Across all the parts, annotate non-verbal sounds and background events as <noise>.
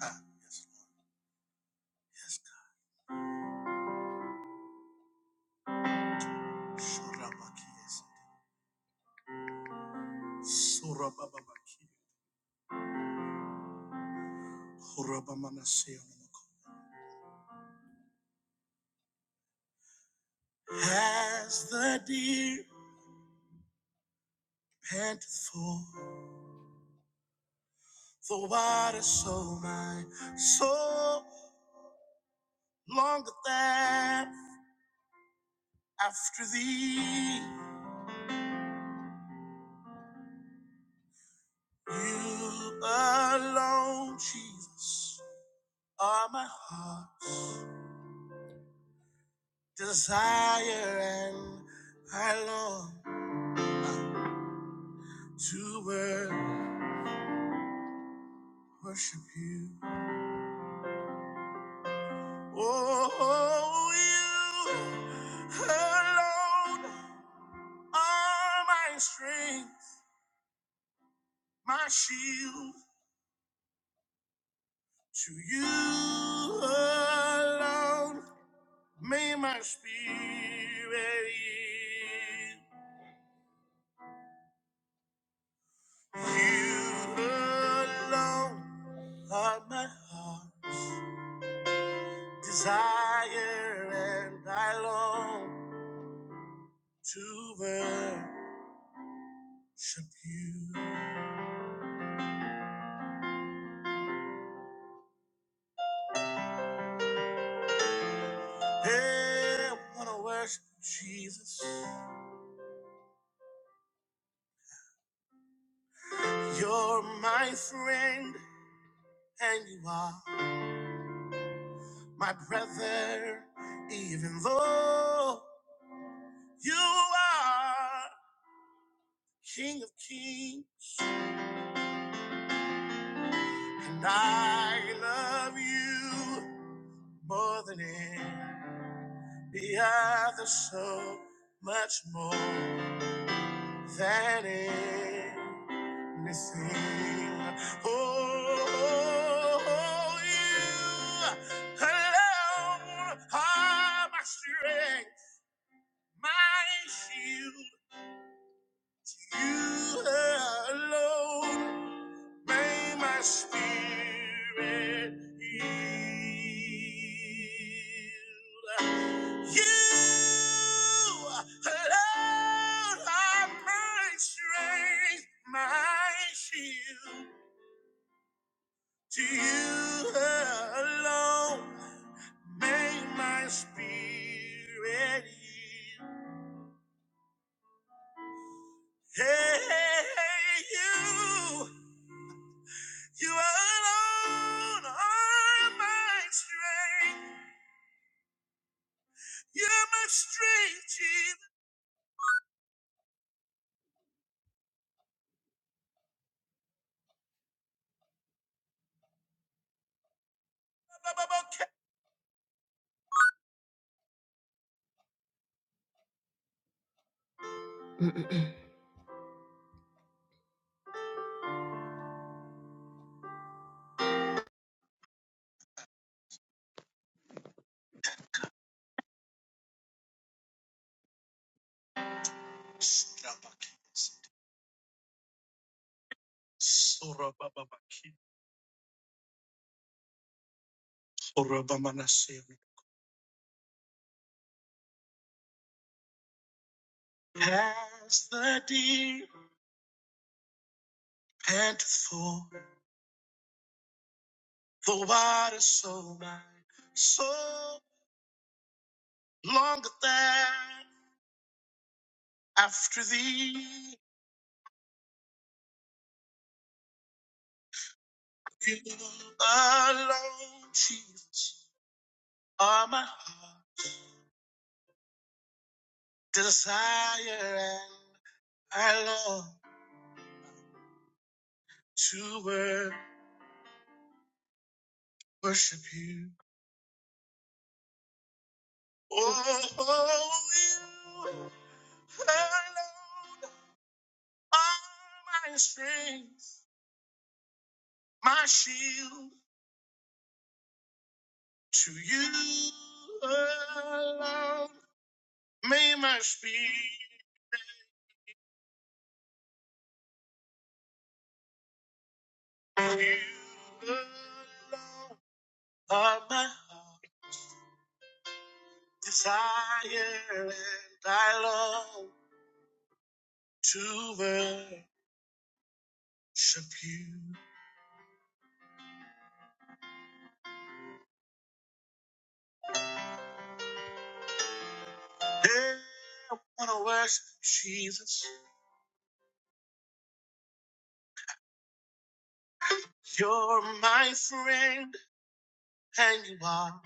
Ah, yes, Lord. Yes, God. Shorabaki, yes. Sorabababaki. Horabamanaseyonamako. As the deer panteth for the water, so my soul longeth after thee. You alone, Jesus, are my heart desire, and I long to wor- worship you. Oh, you alone are my strength, my shield. To you alone may my spirit yield. You alone are my heart, desire, and I long to worship you. Hey, I wanna worship Jesus. You're my friend and you are my brother, even though you are King of Kings, and I love you more than any other, so much more. that is missing. Oh, you alone are my strength, my shield. You alone make my spirit yield. You alone are my strength, my shield. To you alone may my spirit yield. Hey, you, you alone are my strength. You're my strength, Jesus. Strabakis. Sorababakis. Past the deep panteth for the water so wide, so longeth that after thee. You alone, Jesus, are my heart desire, and I long to wor- worship you. Oh, you alone are my strength, my shield. To you alone may my spirit, you alone are my heart desire, and I long to worship you. Hey, I wanna worship Jesus. You're my friend, and you are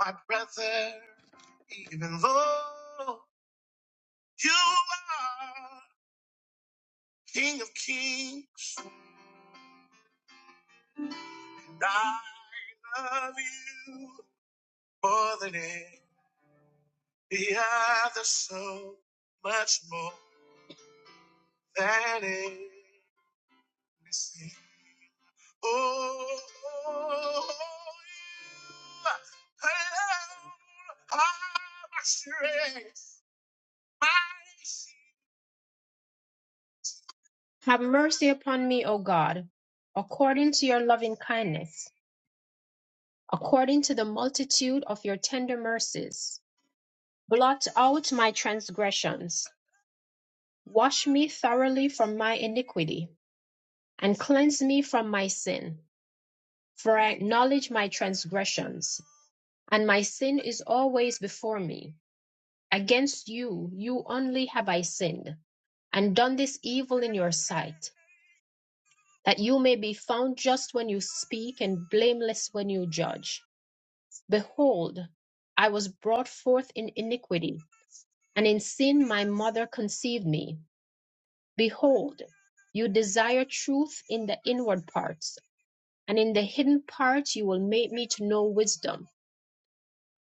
my brother, even though you are King of Kings. I love you more than any other, so much more than anything. Oh, you alone are my strength, my shield. Have mercy upon me, O God, according to your loving kindness, according to the multitude of your tender mercies. Blot out my transgressions Wash me thoroughly from my iniquity, and cleanse me from my sin. For I acknowledge my transgressions, and my sin is always before me. Against you, you only have I sinned, and done this evil in your sight, that you may be found just when you speak and blameless when you judge. Behold, I was brought forth in iniquity, and in sin my mother conceived me. Behold, you desire truth in the inward parts and in the hidden parts you will make me to know wisdom.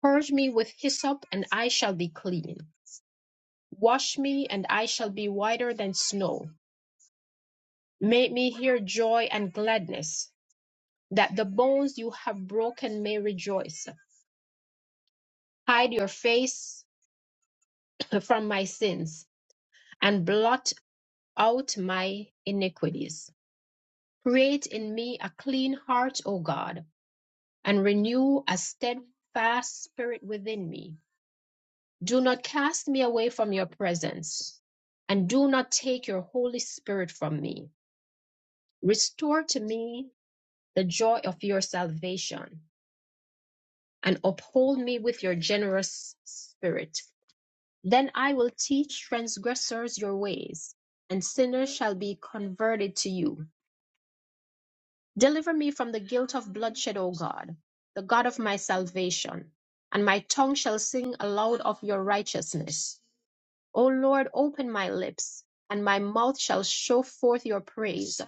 Purge me with hyssop, and I shall be clean. Wash me, and I shall be whiter than snow. Make me hear joy and gladness, that the bones you have broken may rejoice. Hide your face <clears throat> from my sins, and blot out my iniquities. Create in me a clean heart, O God, and renew a steadfast spirit within me. Do not cast me away from your presence, and do not take your Holy Spirit from me. Restore to me the joy of your salvation, and uphold me with your generous spirit. Then I will teach transgressors your ways, and sinners shall be converted to you. Deliver me from the guilt of bloodshed, O God, the God of my salvation, and my tongue shall sing aloud of your righteousness. O Lord, open my lips, and my mouth shall show forth your praise.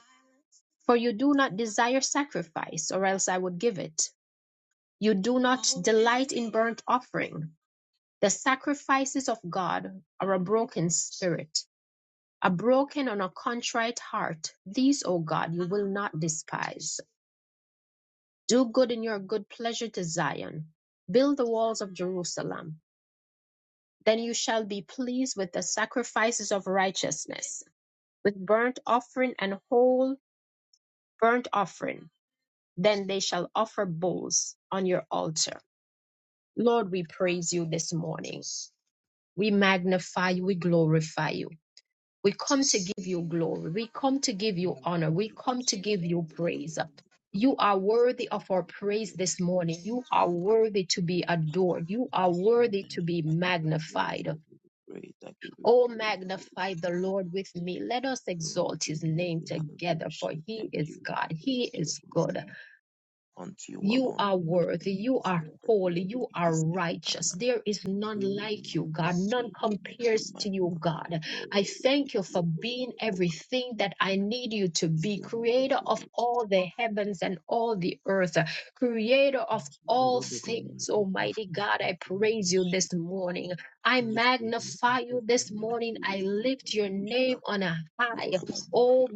For you do not desire sacrifice, or else I would give it. You do not delight in burnt offering. The sacrifices of God are a broken spirit, a broken and a contrite heart. These, O God, you will not despise. Do good in your good pleasure to Zion. Build the walls of Jerusalem. Then you shall be pleased with the sacrifices of righteousness with burnt offering and whole burnt offering. Then they shall offer bulls on your altar. Lord, we praise you this morning. We magnify you. We glorify you. We come to give you glory. We come to give you Bless honor. We come to give you praise. You are worthy of our praise this morning. You are worthy to be adored. You are your worthy holy to name. be I give you praise. magnified. I give you praise. I give you Oh, praise. I magnify worship the you. Lord with me. Let us Lord, exalt we his love name you. Hallelujah. We together, for say he Thank is you. I God. bless He your is holy good. name. Unto you You alone, are King of worthy. Kings, you You are deserve the holy. glory. You You are deserve the righteous. honor. There is none Praise and like you, honor be God. unto None your holy name. Be compares to you, magnified, God. I Lord. Be thank you to for your holy being name, O God. everything that I need you to be, Deserve all the creator of glory. all the heavens and all the earth, creator of Once we will all lead the women things. Almighty nothing, I God, think I we will praise bless you you. this morning. I And lift you in magnify up you this this morning and morning. we I will be lift your name hallelujah. on a Be my high. magnified,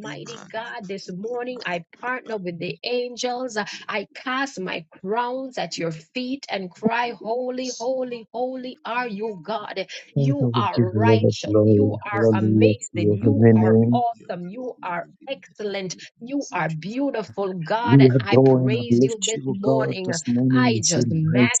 be magnified, God, this be morning I partner magnified. with the angels. you, and I you cast my crowns at your feet and cry, Holy, holy, holy and are the you, fame. We deserve you, God. for the Father, glory. You we give are you all the righteous. You glory. are Hallelujah to and amazing. your not You holy all are can I name. be on awesome. your own You and are be magnified excellent. in the You name thank you, are beautiful, God. We And for I your adore and love praise and you for uplift this you, O God. morning. This your morning I we say, blessing. just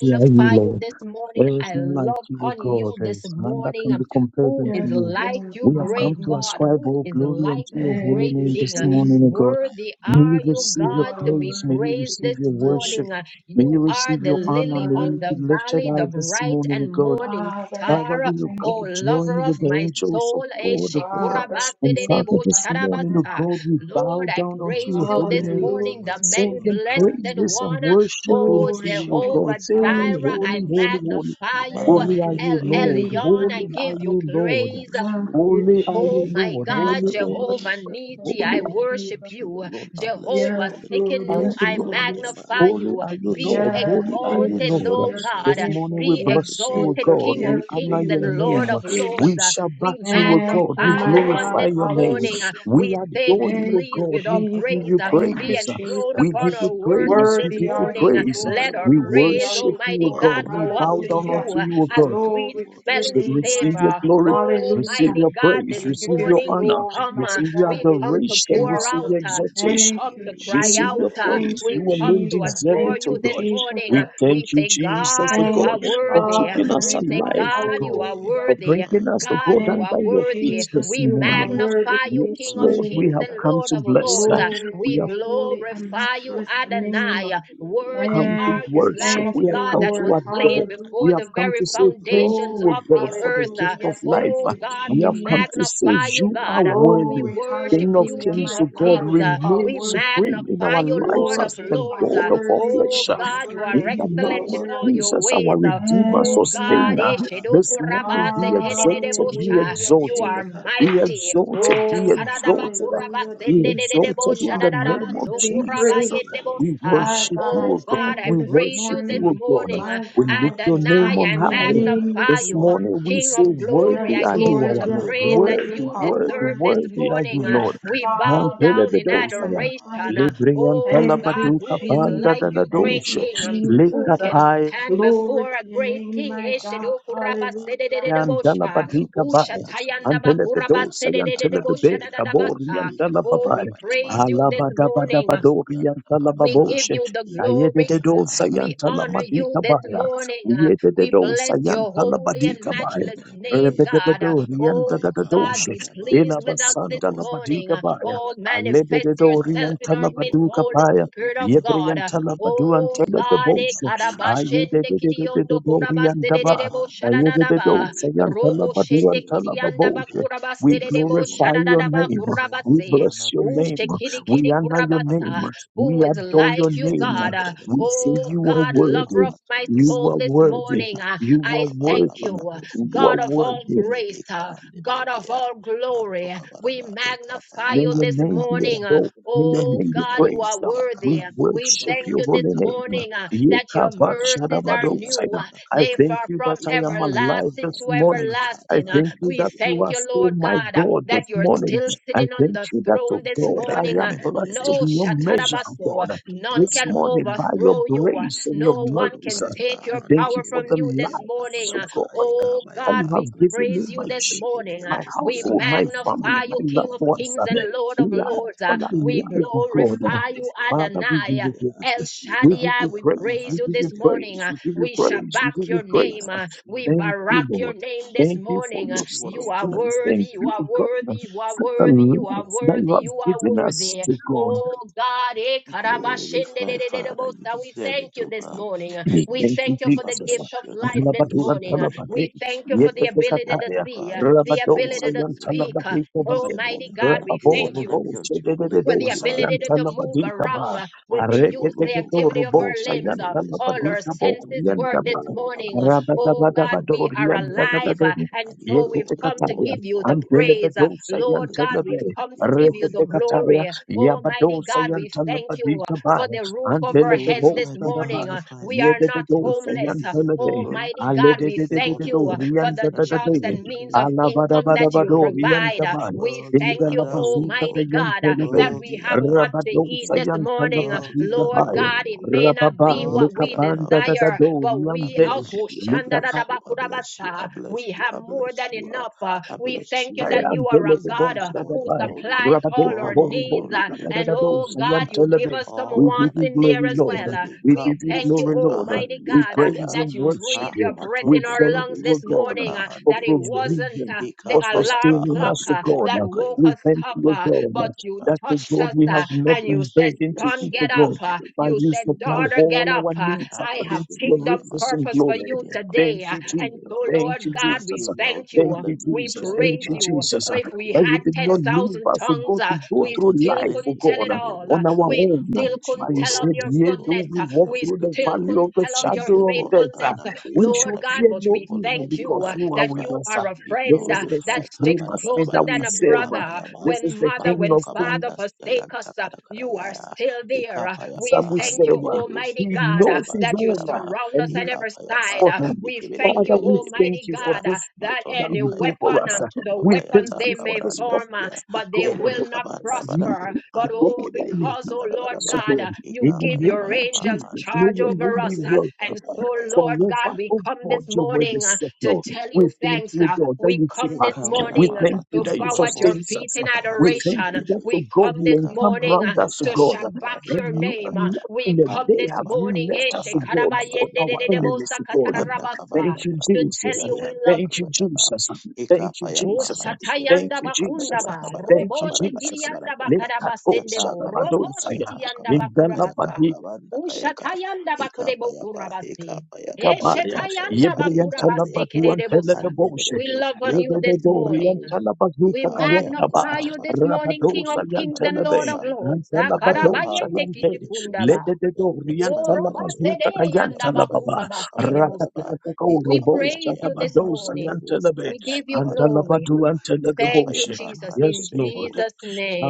Bless are you, you Lord. this morning. There is you, I none like Father. love you, I O on will you God. There this is none that morning. can be compared Who unto is Yes, you. like Lord. you, We have come great to Hallelujah. God? ascribe Who all is glory love like you, unto you, your Thank holy great name you, hallelujah. King? this Jesus. morning, O God. Be Worthy May are you you, receive You your glory, God, are to be praise. May you worthy praised to be receive this your be praised. worship. morning. glory, Uh, May You you are receive the your My honor. lily God, May I of you the be lift you lifted valley, up. the high this bright be glory, be morning, O and God. glory. morning Father, I Father, just star. Uh, we will thank go O you this lover join with of the morning. my angels of soul, eh, like God, of God. Father, I And you Father, shikurabasedebo this glorify and morning, O charabasa. God, we magnify you. bow Lord, I down Unto unto praise your you you holy this alone the name, glory morning, Hallelujah, the must be king many of singing king, blessed Jesus. unto you praises and one. alone Uh, worship I unto O Glory, you, worship O you, glory, I Jehovah God, still love saying, Jireh, I Holy, hallelujah. holy, hallelujah. holy. Be magnify you. Uh, Thank Holy are you, you, El magnified, be Lord. Jesus. Elyon, I Holy are give you glorified, you, Lord. praise. unto Thank you you, alone, Holy are you, Oh thank Jesus. my you, Lord. Thank God, Holy, you, Father, holy, Jehovah Jesus. unto Thank Nisi, you holy. I you, alone, worship Jesus. unto you you. alone, I bless your Jehovah Yes, holy name, I Lord. are Sekinu, you, Yes, bless I your holy Lord. Lord. Yes, name, magnify Lord. Holy you. I are you, bless Be your Lord. holy Yes, Holy name. I are you, bless Jesus. exalted, your Lord. O Yes, holy This name. God. Jesus. morning we Be Thank Yes, you, bless you, thank O exalted, Jesus. you, God. King of thank Yes, We you, honor kings thank your Jesus. and you, name. Yes, Lord of Father. lords. We Jesus. Mm. Uh, shall back We you, O Thank God. you, We Thank magnify you you my on glorify alone. God. this your name. morning. Uh, Amasotok Hallelujah. We We say, adore Be you, andikibiri, Thank O pleased you, God. with yatata our We give Jesus. praise. you Uh, Thank andikaya. Be you, praise. enthroned I Jesus. We upon give you our worship you. I worship praise. say, We this Worthy give you are worthy, morning. Uh, you, praise. worthy, Lord. Let our We Worthy hallelujah. praise, are worship you, you, O Almighty Lord. God. God, Worthy, We go up bow to worthy, down Hallelujah. you unto uh, you, O hallelujah. as God. Worthy, sweet Glory to worthy, your smelling Say, name, hallelujah. my Receive your savor. God. glory, receive Hallelujah. Almighty your Be God, this praise, We give receive you your magnified, morning King we honor, of glory, come, uh, mighty receive Kings. your You God. we We come lift alone, to O adoration, God. you pour up. receive out, your You uh, deserve we the Thank exaltation, come you, to glory. You cry receive deserve out, your Jesus. uh, Thank praise. you, You we come alone to Jesus. deserve adore Thank it, you O you, this God. Jesus. morning. uh, We We thank you, say, Praise and Jesus, God, O honor you be Thank God, are unto you, your for holy worthy. uh, Father, name. keeping us my Thank We say, you, God. alive, Father. O God, you God, are Thank Hallelujah. for you, worthy. uh, bringing Father. us, O God, God, Thank you Thank you, are under you, your Father. feet worthy. uh, Jesus. Thank this We You you, are morning. Father. worthy magnify to you, be Yes, King of Unto Lord, you we kings have and praised. alone, come Lord yes, to of bless. Lord. lords. uh, Glory to We We have your Unto you holy alone, and yes, glorify you, Lord. matchless You name. deserve Adonai. uh, the glory. Worthy come to Thank You are you, you, deserve Lamb worship. the of thank We have you, God, honor. come that was to Lord. Praise adore. slain and honor be We before have the Hallelujah. unto come your very to say holy name. thank foundations you, Glory, O of Be God, the for the earth. uh, gift of hallelujah. magnified, be life. Thank Oh you, God, We we have come to glorified, Jesus. say magnify be you, you are God. We worthy. Glory, glorified. worship King of you, hallelujah. Unto King kings, you My of O God, God, alone, Kings. King Uh, you of are remain We Kings. worthy. supreme in magnify our you, Andi lives Lord of Lord, as the kayata you are Lords. God Uh, of all worthy. brandas Oh You yata flesh. are God, you are worthy. tahandi In the You name are excellent of in kibiribus all worthy. your yata Jesus, ways. our andi Uh, Redeemer, kabaraba Thank Oh you, my God, Sustainer, God. ikam this yama yama morning be handi exalted, kebelebu be Eshedokurabase-kedededebosha. Hallelujah, you exalted, indi are Jesus. be kabaraba mighty. indi Oh exalted, be Glory, kabaraba indi exalted, hallelujah, kabaraba be Jesus, exalted yanta you in are the name worthy kabaraba of to be kabrandas Jesus. praised. ya We yanta Shatadabakurabasedededebosha. My worship kabaraba God, you, I Oh O rabaraba God. God, thank I you We this praise you worship this morning. you, O God. morning. Uh, My ikama We God, yama lift I your shabbat name Adonai, ikama on I your yama high. name ikama this magnify This yama you. morning. morning we King say, of ende glory, Yes, Worthy I kebelebus are give you, you Lord, yata our the yes, Lord. andi praise that Lord, you Worthy, you kebelebe are worthy, andi deserve this worthy. worthy kebelebe are you, morning. Uh, Yes, andi Lord. we kebelebe bow Father, we down in ikama yama magnify adoration. Uh, you. Libri ikama and yama oh Thank God, you, yanta who Talabaduka is kaya Panda like Jesus. you, Thank great Kabanda you, Danadoshe, King? Um, Jesus. barabus who can yata Lika stand kabanda Glory before baraba a to your eka great name, King? my mayama God. eka mayama Hallelujah. matondo Eshedokurabasederedebosha, Yandalabadika barabus Bae, ya kabanda baraba Antelebedosa kabanda baraba Ushatayandabakurabasederedebosha Yantelebe, baraba Kabori dadadabasa. eka Oh, we Yantalababae, mayama yama praise you this matondo morning. barabus Alabadabadabadori yanta We kabaraba give Yantalababoshe, you the eka glory. payapa Ayededosa We honor you Yantalamadika this Baya, morning. Uh, We Uyededosa bless your holy and Yantalabadika kebere bere Bae, matchless bere bere bere name, yanta God. Uh, kabanda Rebedebedori baraba Oh, eka God, Yantadadoshe, mayama be yama pleased with matondo us this Elabasanda barabus ya morning. Labadika Uh, Baya, kabanda Oh, manifest Alededori Father, yourself in with our you midst, Yantalabaduka alone, oh Holy Paya, God, you Spirit of deserve the Yebre God. Uh, glory. Yantalabadu You Oh, deserve the God, eh, honor, Anteleboshe, praise, and honor be karabashende unto your holy kidiondo name. Ayedededori Be Yantabaya, kurabasedededebo we magnified, glorify be shadadadaba. glorified Robo unto you shende alone, King of kidiandaba Kings. You deserve kurabasededebo all the your glory. shadadadaba You name. deserve all We the kurabase. bless honor, your praise, and name. honor be unto We your Ushekidikidi honor holy your name. kurabasa. name. Who We is adore your like you, Kebere name. bere God? Uh, bere bere We bere say Oh, you are God, lover worthy. of my You ha soul, are this ya worthy. morning, uh, bosya You mentu kabana bare kapa ya ya are I kabanda thank you, bara ya worthy. uh, ya You are God of all worthy. grace, uh, ya ya God ya of ya all manto glory. kabara We ba e kapa magnify ya May you pa your this e name be kapa ya morning. uh, pa adored. May your Oh, bende name be bere God, you bosi are praised. ya ba worthy. ba We We worship thank your you this holy name. ba ba morning uh, ba that tanda your tanda mercies kabara ba are ya new. uh, Yekabashadabadosaya. tanda I kabara Therefore, ba thank you from that e I am kapa ya pa alive everlasting ya this to tanda morning. kaya I everlasting. Uh, thank randa you We that siya you thank are you, bato still Lord my God, uh, God this that you're morning. still I sitting on thank the you that, throne oh this God, kibere I morning. bere Uh, am bere bere blessed bere to No be hande your bere measure, bosi oh ya shatarabaso, uh, God. manto none kabara This can ba e morning, by kapa your ya overthrow pa you. uh, grace and your No Matondo one mercies, can Kayata take I your Hande thank power you for from the Kebelebe you life, this Yanta morning. so Uh, Kabadaba God, Oh Ekama that God, Yama you have we given me, praise you my this Hande morning. Uh, my Kebelebos We household, my Yakabanda family, magnify Baraba my you, King loved of Kabanda ones. Kings uh, and Baraba Lord of We are Lords. Yanta all Uh, Kabanda We alive, oh Baraba God. uh, glorify Kabranda you, Father, Siyatu we Adonai. give Uh, Dakaya you El praise. We give Ikapa Shaddai, you we Yapa praise. praise We you Hande give you this Belebos morning. praise. Uh, We give you we praise. Matondo We shabak give your you Kabanda name. praise. uh, Baraba uh, We Mm. Thank you, barak your Lord. name this Thank you for morning. uh, Unto your you, O You Lord are King of sustenance. Kings, you Thank worthy. deserve You you, the are oh God, glory, uh, worthy. You are for you the deserve worthy. the You are life honor, that praise you worthy. have You are given us worthy. to and God. honor. Oh God, eh, be glorified, Father. You karabashindididididibosha, we deserve thank it, you oh this God. morning. uh, I We We thank worship you, thank you you. for I the Jesus. gift bless of your name. life I this Antalabadu bless your morning. uh, name. And antalabade. We thank you I for the Yekeke lift you ability up, to kataya. oh see, God. uh, You the deserve Rabado all ability the to sayan glory. speak. uh, talabadi You kobai. deserve all Almighty the God, honor, we praise, Rababo and thank honor you rubo be unto your holy with name. the chedededo Be ability sayan to to magnified, move King of talabadi Kings. around, kaba. uh, with Unto the you use, alone, the Arekekeke oh to God. activity of our rubo Unto you limbs. sayan alone, uh, yes, All talabadi Lord. our kabo Unto senses you work yandaba. this alone. I morning. uh, bless your Oh holy name. God, I we Rabadabadabado give are you alive. praise. yandadadade. uh, I And give so you we've all Yekeke the come to kataya. glory, give you the all honor praise. be uh, Antelebedo unto your sayan Lord holy God, name. we've talabe. come Be to give you the Rekeke glorified, kataya. glory. Almighty Yabado God, sayan we thank talabadi you uh, for kabai. the roof Be over our heads Antelebebo this glorified, be morning. uh, magnified. We are Thank you, not King Yededo of Kings. You homeless. Uh, deserve the Sayantelebe, glory. Almighty God, You we deserve all thank the Alededo you uh, honor, for praise, the and honor be jobs unto Riantatatoye, and your holy means of name. income Be that you Alabadabadabado provide. glorified. Uh, Riantaban, We Worthy thank are you, thou, O Indalabazuta Lord. Almighty God, uh, Yantelebe, that we Worthy are have what thou, to King of Rabado eat Kings. this morning. Uh, Worthy Sayantalabadita are Lord thou, Bay, O God, Lord. it may not Rababa, be what Worthy we are thou, Likapanda yes, desire, Lord. Dadado but I we Riante, bless you, I bless you, I are bless you, I uh, we bless you, have I more bless than you, I, enough. uh, I we bless thank you, you I I give that am you you are a praise and I God give uh, you Telebosa all who the Dabai, glory. supplies all Rabadeka our All needs. glory uh, Boribosa, be unto and your oh holy Nadadosa, name. God, Yam ah. you give Telebe. us some We All give wants honor you in be unto there glory, as your Lord. well. holy uh, name. We we give you thank you, glory, Kabusiata Lord. Almighty handi We God, uh, praise kadaya. that and you worship breathe Ah, your you. breath We in matondo our thank lungs you, O this bodobusiata God, morning, uh, for that kahandi it bedebe. wasn't provision, uh, the for alarm Ikapayapa sustaining clock us, O handi uh, God. that bedebu woke We us kayanta. thank up, you, uh, O but God, you that, O touched God, us we have uh, Bless you, not and you been bless said, you, begging to bless Son, eat, you, O get up. God, bless uh, you, but you bless you you, said, supply bless Daughter, you. get all up. our uh, needs I I have according bless to you, your holy kingdom name. I riches lift and purpose your for glory. holy you name up Thank today. this uh, you, morning, and oh Jesus. so, God. Thank Lord you, I God, say, we Jesus. well, thank gee, Thank you. you, We Jesus. hallelujah. Be Thank praise you, you. Jesus. magnified, uh, If be we That you had did glorified, not leave 10,000 us to tongues, go uh, to go how we through still life, excellent oh couldn't is tell God, your it uh, name, all. O Uh, on God. our We own. Unto still couldn't you And you tell of alone, said, your yes, Yea, Lord, though goodness. you we Uh, walk deserve We all through the the still valley glory. couldn't of the tell of You your shadow deserve of all the death, uh, faithfulness, honor, Uh, praise, we and Lord should honor be God. fear unto But no your we holy evil name. thank Be you because uh, you are that with magnified, you us. uh. are a be This friend is uh, the glorified. that sticks supremacy closer that we than Kabarabarabarabah, a serve. uh. brother. ikamayama, This is When the mother, King when of Kings father mantokabandas, forsake us, uh, you are yayantakarakarayaya, still there. Uh, We some ikapayapa, we thank you, serve. uh, handebedebos, Almighty He God, knows uh, his that you own uh, yantakabanabaraba, surround and us he on every is ikapayapa, side. for Uh, him. We thank you, Father, we handekebedebedebedebos, thank Almighty you ya, for God, uh, this thing that that matondo any you do kayata, for weapon, us. um, uh. the matondo We thank weapons kayata, you they for may this kabrandas, form, uh, ya, promise, oh but they God, Hende will of not kabanda you, badabu prosper. the But hande God oh, that kebelebe you because, do oh kabada for Lord us, badaba oh God, God. uh, you In the ikama give name yama your of yama angels Jesus, hande may charge your name over be us. kebelebelebe uh, worshipped And ikama uh, so, yama yama Lord forever, God, we oh come God, this your word morning is uh, to settled. tell you We thank thanks. you, oh uh, God, that We you keep come us. this Hikapa We morning uh, yapa, thank you to that you bow at your sustain feet us. in uh. We thank you adoration. that, oh We God, come you this hikapa encamp morning. yapa, uh, round us, oh to hikapa God. yapa, shabak your And no- hikapa name. Uh, and not in We the come day this have you morning eh, left us, O God, for our enemies, O God. shekarabayendedededebosakatarabasa, Thank you, to tell Jesus. you we love Thank you, you. Jesus. Thank you, Oh, Jesus. Thank Shatayanda you, Jesus. Bakundaba, Thank Robo you, Jesus. Shikirianda Let that go, Bakarabasendebo, Robo Shadabadosaya. Shitianda In Bakurabasa, the Ushatayanda Bakudebo Kurabasi, kabaya Eshetayanda yebriyanta la Bakurabase yapa baduante la Kerebosa. handebere gaboshe We love bosi on you Regede this yakabanda morning. barabos dorianta la We bazuta ikama kayanta yamara ba magnify you mama this tondo morning, King of rabadosa barabo kings yanta kabanda and la be Lord baraba of lords. anta la ikapa yapa badosa Akarabayende yante handebere bosi kishikundaba. legede yanta dorianta kabara la baraba bazuta yanta Orobasede kabara kayanta la baraba baba yanta kabara yandabakurabasede bosta. baraba rakatakataka We ikama yama urobosa praise you yama this handebere morning. bosi We yata give you kabanda glory. barabo ikapa Thank you, yapa Jesus. In Yes, handebere Lord. bosi Jesus'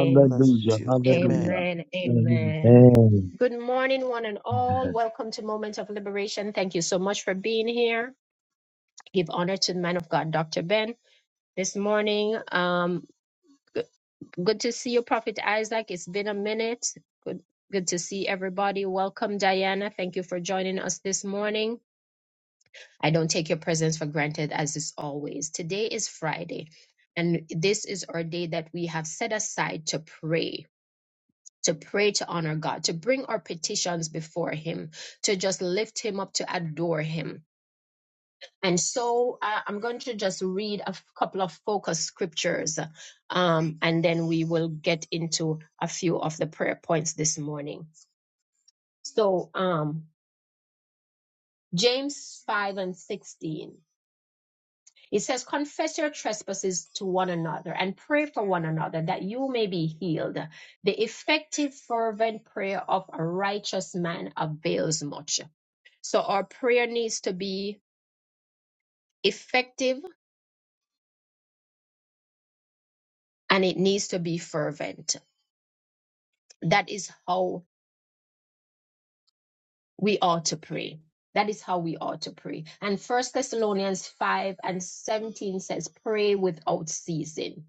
God bless you amen Hallelujah. amen. Amen. Amen. Good morning, one and all. Welcome to Moment of Liberation. Thank you so much for being here. Give honor to the man of God, Dr. Ben this morning. um. Good to see you, Prophet Isaac. It's been a minute. Good, good to see everybody. Welcome, Diana. Thank you for joining us this morning. I don't take your presence for granted, as is always. Today is Friday, and this is our day that we have set aside to pray. To pray to honor God, to bring our petitions before Him, to just lift Him up, to adore Him. And so uh, I'm going to just read a f- couple of focus scriptures, um, and then we will get into a few of the prayer points this morning. So, um, James 5 and 16, it says, Confess your trespasses to one another and pray for one another that you may be healed. The effective, fervent prayer of a righteous man avails much. So, our prayer needs to be effective and it needs to be fervent that is how we ought to pray that is how we ought to pray and first thessalonians 5 and 17 says pray without ceasing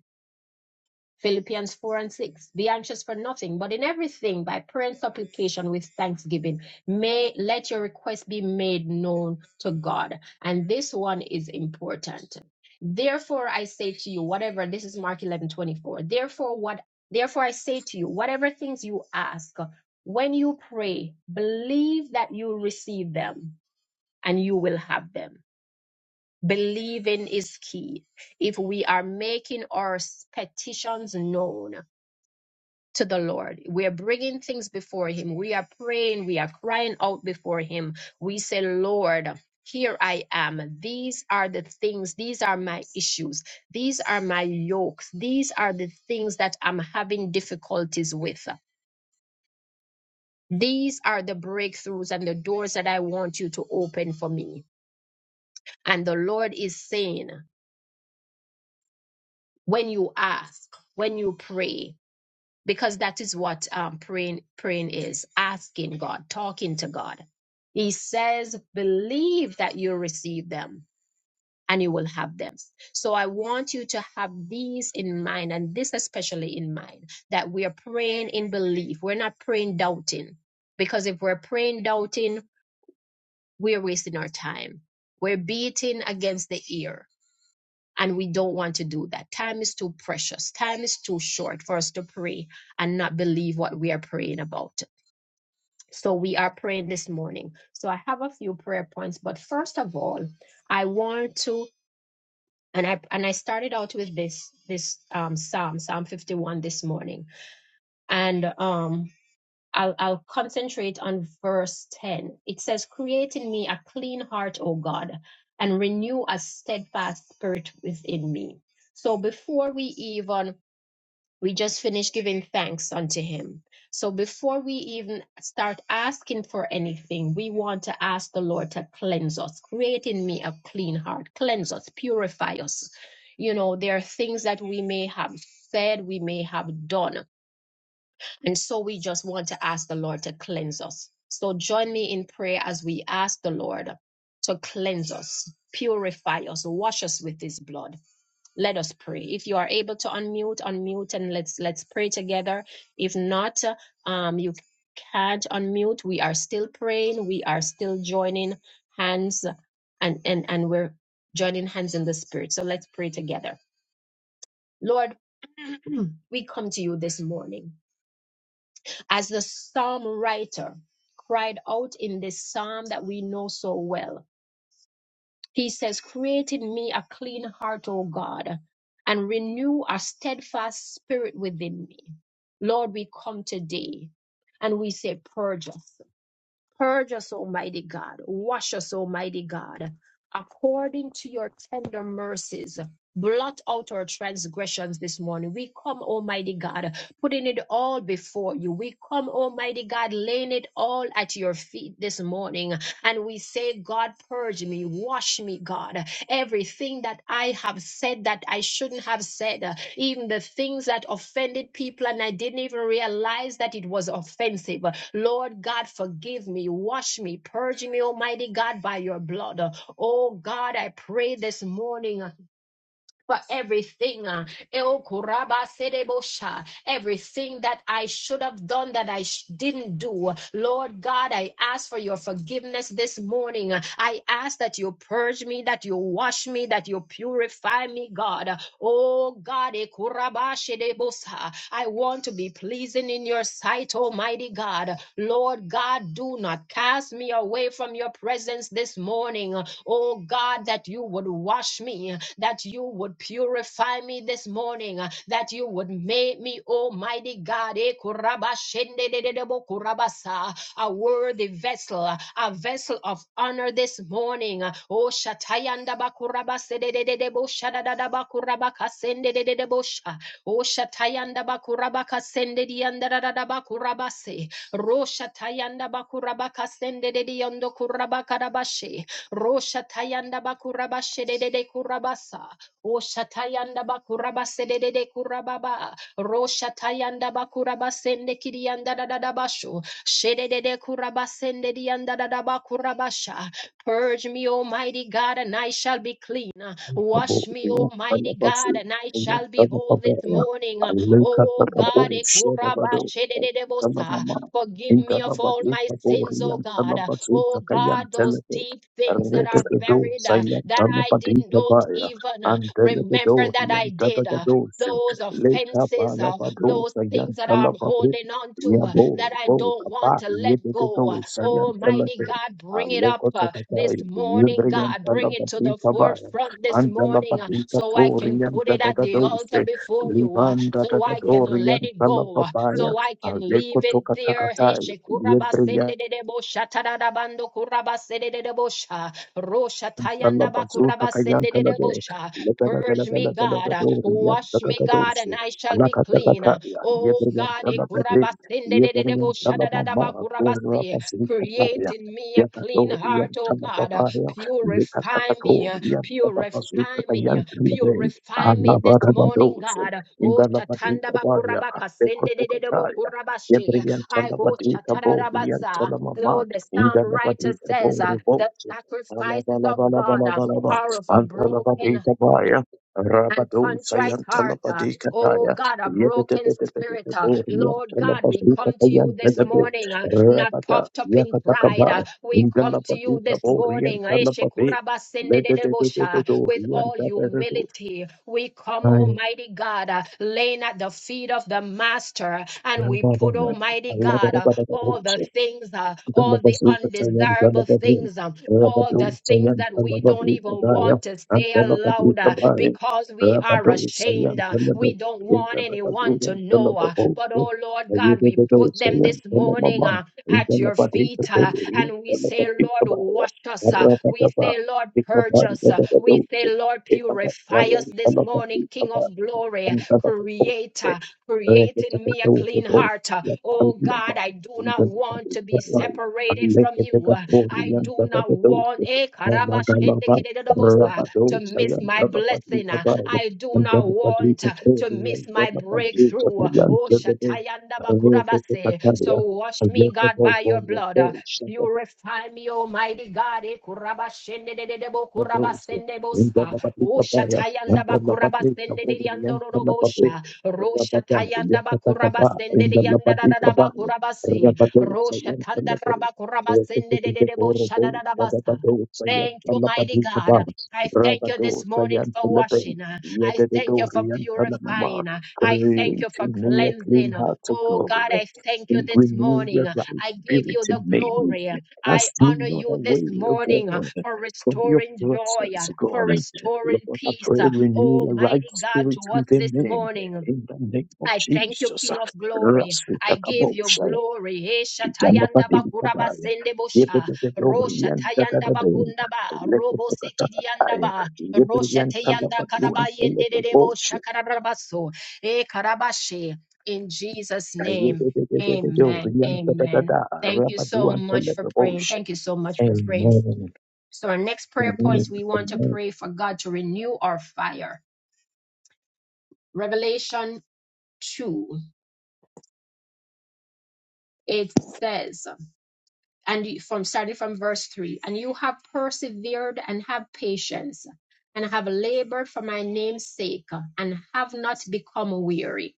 Philippians 4 and 6. Be anxious for nothing, but in everything, by prayer and supplication with thanksgiving, may let your request be made known to God. And this one is important. Therefore, I say to you, whatever, this is Mark 11 24. Therefore, what, therefore, I say to you, whatever things you ask, when you pray, believe that you receive them and you will have them. Believing is key if we are making our petitions known to the Lord. We are bringing things before Him. We are praying. We are crying out before Him. We say, Lord, here I am. These are the things. These are my issues. These are my yokes. These are the things that I'm having difficulties with. These are the breakthroughs and the doors that I want you to open for me. And the Lord is saying, when you ask, when you pray, because that is what um, praying praying is asking God, talking to God. He says, "Believe that you receive them, and you will have them." So I want you to have these in mind, and this especially in mind, that we are praying in belief. We're not praying doubting, because if we're praying doubting, we're wasting our time. We're beating against the ear and we don't want to do that. Time is too precious. Time is too short for us to pray and not believe what we are praying about. So we are praying this morning. So I have a few prayer points, but first of all, I want to and I and I started out with this this um Psalm Psalm 51 this morning, and um I'll, I'll concentrate on verse 10. It says, Create in me a clean heart, O God, and renew a steadfast spirit within me. So before we even, we just finished giving thanks unto Him. So before we even start asking for anything, we want to ask the Lord to cleanse us. Create in me a clean heart, cleanse us, purify us. You know, there are things that we may have said, we may have done and so we just want to ask the Lord to cleanse us. So join me in prayer as we ask the Lord to cleanse us, purify us, wash us with his blood. Let us pray. If you are able to unmute, unmute and let's let's pray together. If not, uh, um you can't unmute. We are still praying. We are still joining hands and and and we're joining hands in the spirit. So let's pray together. Lord, <clears throat> we come to you this morning as the psalm writer cried out in this psalm that we know so well. He says, Create in me a clean heart, O God, and renew a steadfast spirit within me. Lord, we come today and we say, Purge us. Purge us, Almighty God. Wash us, Almighty God, according to your tender mercies. Blot out our transgressions this morning. We come, Almighty God, putting it all before you. We come, Almighty God, laying it all at your feet this morning. And we say, God, purge me, wash me, God everything that I have said that I shouldn't have said, uh, even the things that offended people and I didn't even realize that it was offensive. Uh, Lord God, forgive me, wash me, purge me, Almighty God, by your blood. Uh, Oh God, I pray this morning uh, for everything. uh, El Kuraba Sedebosha, Everything that I should have done that I sh- didn't do. Lord God, I ask for your forgiveness this morning. I ask that you purge me, that you wash me, that you purify me, God. Oh God, E Kuraba Sedebosa, I want to be pleasing in your sight, Almighty God. Lord God, do not cast me away from your presence this morning. Oh God, God, that you would wash me, that you would purify me this morning, that you would make me, Almighty God, eh, kuraba shende de de de bo kurabasa, a worthy vessel, a vessel of honor this morning. Oh, Shatayanda Bakuraba Sedebo Shadada Bakuraba Kasende de Debosha. Oh, Shatayanda Bakuraba Kasende Dianda Bakurabase. Rosha Tayanda Bakuraba Kasende de Diondo Kuraba Karabashe. Rosha tayanda bakuraba shedede kurabasa. Osha tayanda bakuraba sedede kurababa. Rosha tayanda bakuraba sende kirianda dadadabashu. Shedede kuraba sende dianda dadabakurabasha. Purge me, Almighty God, and I shall be clean. Thank Wash me, Almighty God, and I shall be whole this morning. Oh God, ekuraba shedede bosa. Forgive me of all my sins, O God. Oh God, those deep things that are buried uh, that I didn't don't even uh, remember that I did. uh, those offenses, uh, those things that I'm holding on to uh, that I don't want to let go. uh, Almighty God, bring it up uh, this morning, God. Bring it to the you. forefront this Andala morning uh, Badika so I can Torian put it at Dada the altar Dose, before you, uh, Livan Dada so I can let Dorian it Sala go, uh, Babaya, so I can Aleko leave it there. Hey, Tokatakatai, shekurabasendedebo shatadadabando kurabasededebo sha, Yantala roshatayandaba Bazuta Kayantala kurabasendedebo De, sha. Purge me, God. uh, Lebedadadadadadadadadori, Wash me, God, and Yantadadadoshi, I shall be clean. uh, Alakatakataya, Oh God, eh, Yebriyantala Bade, kurabasinde de de de bo Yebriyantala shadadadaba Mama, Vera kurabasi, Bazita create Kaya, in me a clean Yakadori, heart, oh Yantala God. uh, Babaya, Purify me, uh, Likatakatori, Yantala purify Bazuta me, uh, Kayantala De, purify me this morning, Alabarabadoshi, God. Oh Indala Shatanda Badita Baya, Bakurabaka Sende de de de bo Lekotokataya, kurabashi. I Yebriyantala go Badita Bori, Shatarabasa. Yantala Though Mama, the psalm Indala writer Badita says uh, Bori the Boshi, sacrifices of God uh, Alabalabalabalabalaba. are of a broken Antalabadekabaya. and contrite heart. uh, Oh Rabadosayantalapadekataya. God, a broken spirit. uh, Yebedebedebedebede. Lord God, we come to you this Yantalabazukatayantelebe. morning, uh, not Rabada. puffed up in Yakatakaba. pride. uh, We come to you this morning, uh, Indalabadekaboriantalababe. Eshekurabasendedebosha, Ledededededo. with all Riantaberedo. humility. We come, Ay, Almighty God, uh, laying at the feet of the Master, and we put, yandabana. Almighty God, uh, all the things, uh, all the Dalabazuka Tayan undesirable Dalabadu, things. um, all the Rabadu things Sayan that we don't Dalabadu even Kadaya, want to and say Dalabadu aloud uh, Kabaya, because we are Rabadu ashamed. Sayan uh, We Dalabadu, don't in want anyone Dalabadu to and know. uh, Dalababu, But oh Lord God, we Ayudadu put them Sayan this morning Dalamama, uh, in at your Dalabadu feet uh, Kabaya, in and we say, Dalabadu Lord, Kabaya, wash us. uh, We Rabadaba, say, Lord, purge Ikaban us. uh, Dalabadu, We say, Lord, purify us Ikabasayan this morning, Dalabadu King of Kabaya, glory, and Dalababu. creator. Thank Create in me a clean heart. Uh, Oh God, I do not want to be separated from you. Uh, I do not want eh, karabashendekededodobosa, to miss my blessing. Uh, I do not want uh, to miss my breakthrough. Uh, Oh, Shatayanda Kurabase. So wash me, God, by your blood. uh, you. Purify me, Almighty God. Eh, kurabashende de de de bo Create kurabasende in bosa. Oshatayanda, tayanda ba kurabasende de yando ro ro bosha. Rosha tayanda ba de yanda da da da ba kurabase. Rosha tanda raba kurabasende de de de bosha da da da basa. Thank you, mighty God. I thank you this morning for washing. I thank you for purifying. uh, I thank you for me a clean cleansing. uh, heart O Oh God, God, I thank you and this renew morning. the uh, right I give spirit you the in me. glory. uh, I Cast me honor not you this away, O morning uh, God for from your restoring joy, uh, presence, for God. restoring Lord, I peace. pray uh, renew the right Almighty God, spirit to us within this me morning. in the name of I thank you, Jesus. King of Glory. I give you Rasutakabosha, glory. Esha tayanda bakura Itamapatikabai, basende bosha. Rosha Yepetepetorean, tayanda Tatatatain, bakunda ba. Robo sekidianda Lekotokatakataya, ba. Rosha Yeperian tayanda karaba Talabaduan, yende de de bosha Telepabosha, kararabaso. E karabashe. In Jesus' name, amen. Yepetepetorean, Amen. Tatatata, Thank you so Rabaduan, much for praying. Telepabosha. Thank you so much for praying. Amen. So, our next prayer points, Amen. we want to Amen. pray for God to renew our fire. Revelation 2, it says, and you- from starting from verse 3 and you have persevered and have patience and have labored for my name's sake and have not become weary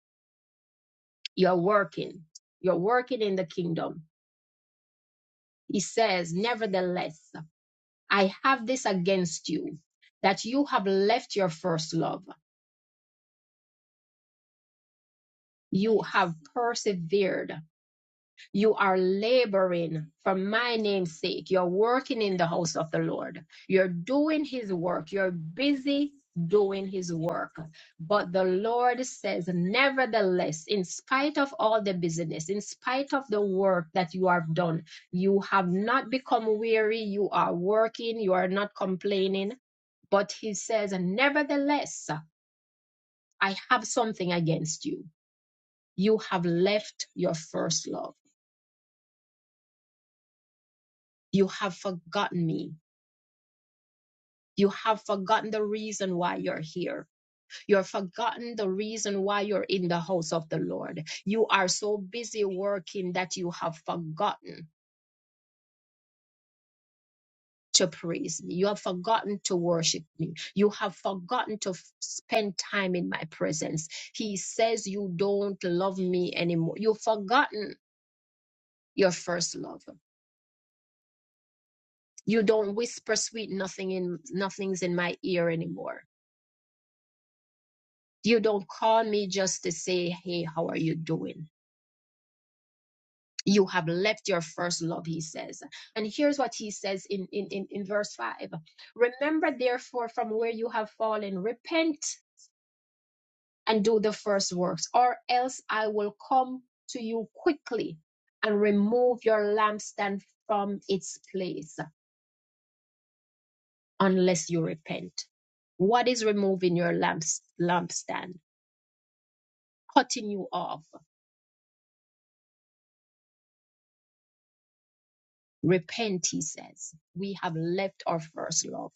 you're working you're working in the kingdom he says nevertheless i have this against you that you have left your first love you have persevered You are laboring for my name's sake. You're working in the house of the Lord. You're doing his work. You're busy doing his work. But the Lord says, nevertheless, in spite of all the busyness, in spite of the work that you have done, you have not become weary. You are working. You are not complaining. But he says, nevertheless, I have something against you. You have left your first love. You have forgotten me You have forgotten the reason why you're here. You have forgotten the reason why you're in the house of the Lord. You are so busy working that you have forgotten to praise me. You have forgotten to worship me. You have forgotten to f- spend time in my presence. He says you don't love me anymore. You've forgotten your first love. You don't whisper sweet nothing in nothing's in my ear anymore. You don't call me just to say, "Hey, how are you doing?" you have left your first love he says and here's what he says in in in, in verse 5 remember therefore from where you have fallen repent and do the first works or else i will come to you quickly and remove your lampstand from its place unless you repent what is removing your lamps lampstand cutting you off repent he says we have left our first love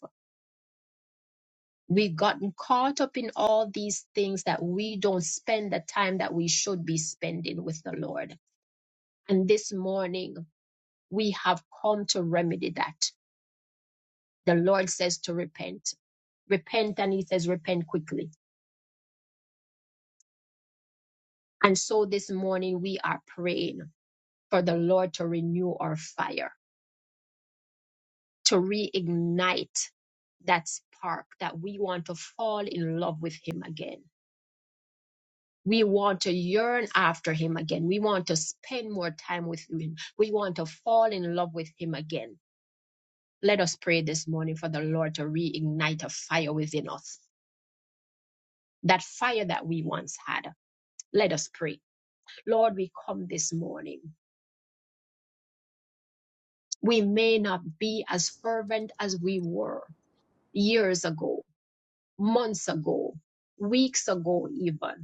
We've gotten caught up in all these things that we don't spend the time that we should be spending with the Lord. And this morning, we have come to remedy that. The Lord says to repent. Repent, and He says, repent quickly. And so this morning, we are praying for the Lord to renew our fire, to reignite that spark that we want to fall in love with Him again We want to yearn after him again. We want to spend more time with him. We want to fall in love with him again. Let us pray this morning for the Lord to reignite a fire within us, that fire that we once had. Let us pray. Lord, we come this morning. We may not be as fervent as we were years ago, months ago, weeks ago, even.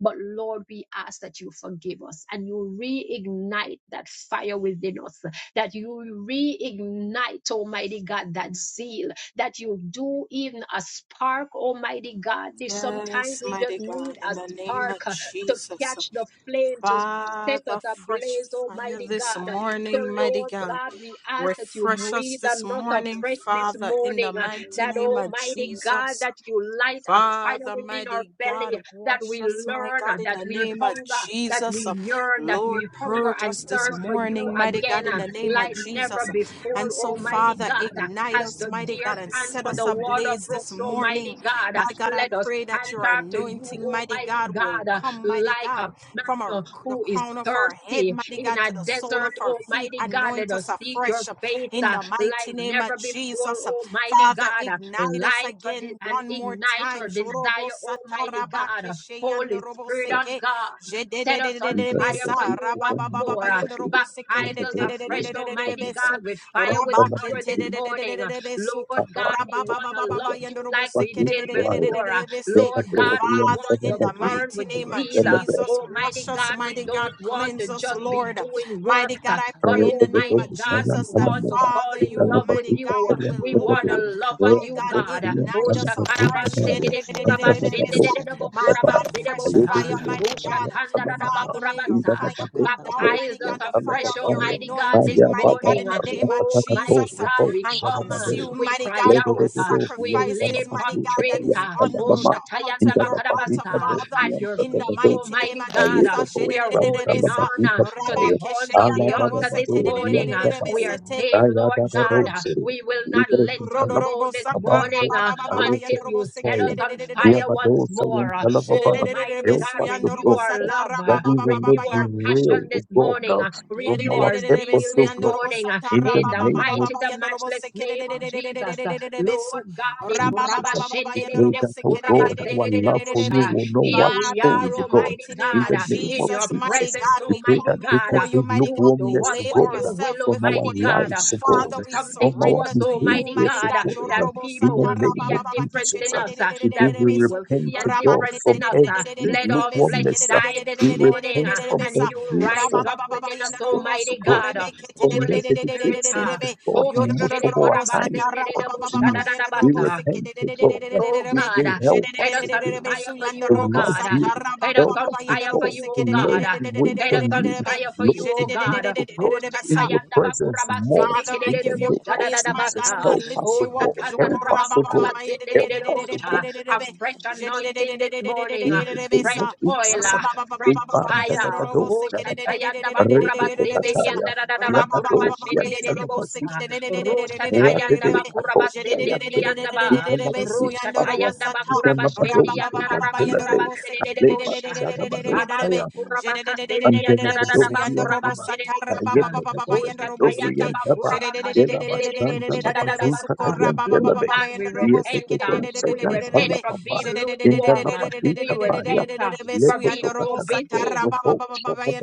But Lord, we ask that you forgive us and you reignite that fire within us, that you reignite, Almighty God, that zeal, that you do even a spark, Almighty God. This sometimes Yes, we just mighty need God, in a the name of spark uh, to Jesus, catch the flame, to set Father, us fresh ablaze, fire Almighty this God. So, morning, mighty Lord God. God, we ask that you Refresh us breathe this on us morning, afresh this Father, in the morning, uh, mighty that name of Almighty God, Jesus. that you light a fire Father, within our mighty belly, God, that wash we us, my learn, uh, God, that in the we name of hunger, that Jesus. we yearn, that Lord, we hunger purge and us this thirst for you morning, mighty again, God, in uh, the name of like never Jesus. before, And so, Almighty Father, God. uh, ignite As us, the mighty God, deer and pants set for us the water ablaze this brooks, morning. Almighty God, uh, My God, I let us pray that pant your after you, anointing, mighty Almighty God, will God, uh, come, mighty like a God, man from uh, our, the who is crown of our head, thirsty mighty in God, a to the sole of desert, our feet. Almighty God. Let Anoint us us seek your afresh face in uh, the like mighty name of never before, Jesus. Almighty Father, God. uh, ignite us Light our de- again and one more ignite time. our Jorobo desire, Almighty sataraba God. keshe Holy Spirit on seke. God, set us on What Jedededededebe fire for you once rababababa more. Uh, yandorobo seke Baptize us afresh, Almighty dedededededebe su. God, with fire, with power this morning. Uh, Lord God, we want to love Rababababa you yandorobo like we seke is did why? before. Uh, dededededebe They Lord God, we Father, want in to are the burn mighty with name of zeal. Uh, Rekka Thank Jesus, wash Almighty us, God, we mighty God, don't want to cleanse us, just be Lord. doing Mighty works, uh, God, I but pray in the name Almighty of God, we Jesus that want to fall Father, in you, love with Almighty you. God, We will want Lord. to love on My you, God, God. Oh, ignite us afresh. Shakarabanse Kede Kurabashende de Debo My God, fresh Kurabasirebosa. fire, mighty Oh, God. Shakanda Dadaba Father, may your Kurabasa. fire come down, Baptize mighty us God, the fire afresh, of your Almighty God, this anointing, mighty God, morning. in the name of Almighty Jesus, God, we and come, uh, Thank consume, we mighty cry God, Help out, our that uh, we lay sacrifices, mighty God, that prostrate, is uh, on oh or the altar, Shatayanda your altar, Bakarabasa, Father, at your in the feet, mighty name Almighty of God. uh, Jesus. We are holding on, also uh, of to the Rabakeshe horns the of the altar return this of morning. our uh, We first are love, yandorobosete, saying, Lord God, that uh, we will not connection let and you brother, go Rodorobo this in the sakara morning baba uh, name of baba baba until Jesus. you yandorobo set seke us de de on de de de de Return be. fire us back once to more. our uh, first Shede de de de de love, de Almighty be su God, renew we yandorobo our satara love, uh, baba we will baba not renew baba ya. our remind derail, us passion this O of the morning, God, uh, mother, from renew or our our at the zeal back, purpose, Yerererererebesu, this O God. morning uh, yandorobosata, In in the the name of mighty, rabababababa, the matchless name of right Jesus. much at uh, the yandorobosekerererererebesu, Lord back, God, eh, Jesus. rabababababa, We pray kurabashendededede, that, oh God, our love for Papa, you kurabasendededebosha, Papa, yandorobosekerererererebe. will know here what and we Father, she stone, are, will in the be God, Almighty mighty name in of God, the uh, name in of Jesus, your mighty Jesus. right at presence, God, We we pray the Almighty that come take back. God. before uh, you, every mighty Thank Do God. We to lukewarmness us to lay what God you will, ourselves from our before Almighty you. God. uh, lives to God, Do Father, we something from to our surrender us, to you, Almighty behaviors mighty to God, uh, God. God, that in people the Jororobosata, will see name of a rababababa, difference Jesus. in us, uh, Today that we keshererererererebe, we will repent see a to God difference in from us. uh, every Let all rabaketerererererebe, flesh lukewarmness. die this We morning, repent uh, sekerererererebe, from and besa you every rise form up of rabababa within yanda us, sin robo to Almighty God. socorre God. uh, bekete de From de the de Holy de de de Spirit, de de dedication de uh, of be God, Oh, yodo most of Shede our robo time, sata Korabasinde God, Debo to rabababa you. yanda We robo Shadadadabasa seke repent, de de de de de O de de God. de oh de We be God. pray, Uh, je help de de Set us de us de to, on de do, de be fire su for you, yanda to oh robo love God. Uh, sata you. Set us Help on us, rabababa O yanda fire for robo God, you, to seke oh de de de God. learn Uh, de to de de wait de Set de us on de de on de you. be fire you. for Lord, you, je de to oh de de be, de God. de Uh, de O de God, Oh, de de be in your Satayanda presence Bakuraba more. Father, I In the give Sindikidebo you name of praise, my God, Jesus, Shadadabasa. and I help us, lift Oh, O you up. God. Satanda Help us, O God. Rabakuraba Help us, O Sindedebosha. God. A fresh anointing this Rakata morning. uh, In the name Fresh of oil. Jesus. uh, Fresh Amen. Da, da, fire. da, do, Oh, Return da, da, us da. unto our Satayanda first Re, da, Bakuraba love, da, da, we da, ya. pray Ya, da, do, ya, da, da, da, si, Sindedebosha. Rosha Tayanda Bakuraba Sindikidiyanda Ba. Rocha tayanda bakura bashendi yanda rara bakura Thank <laughs> Shabando kura bakasendi yanda rara Jedededededededededebesu bakura to Andelebedoriantaba, sing to please your Osha name. tayanda Father, Kayetebedoriantaba, bakura continue to bakashende please de you without you Yelabashantalabazuta Lord from Kayantelebe, God, us. we Father, repent. uh, forgive We us repent for Yetetedosayantalababa, being lukewarm. uh, We Indanapatikabaya, repent uh, for being and set so us Lekotokatakato, back. busy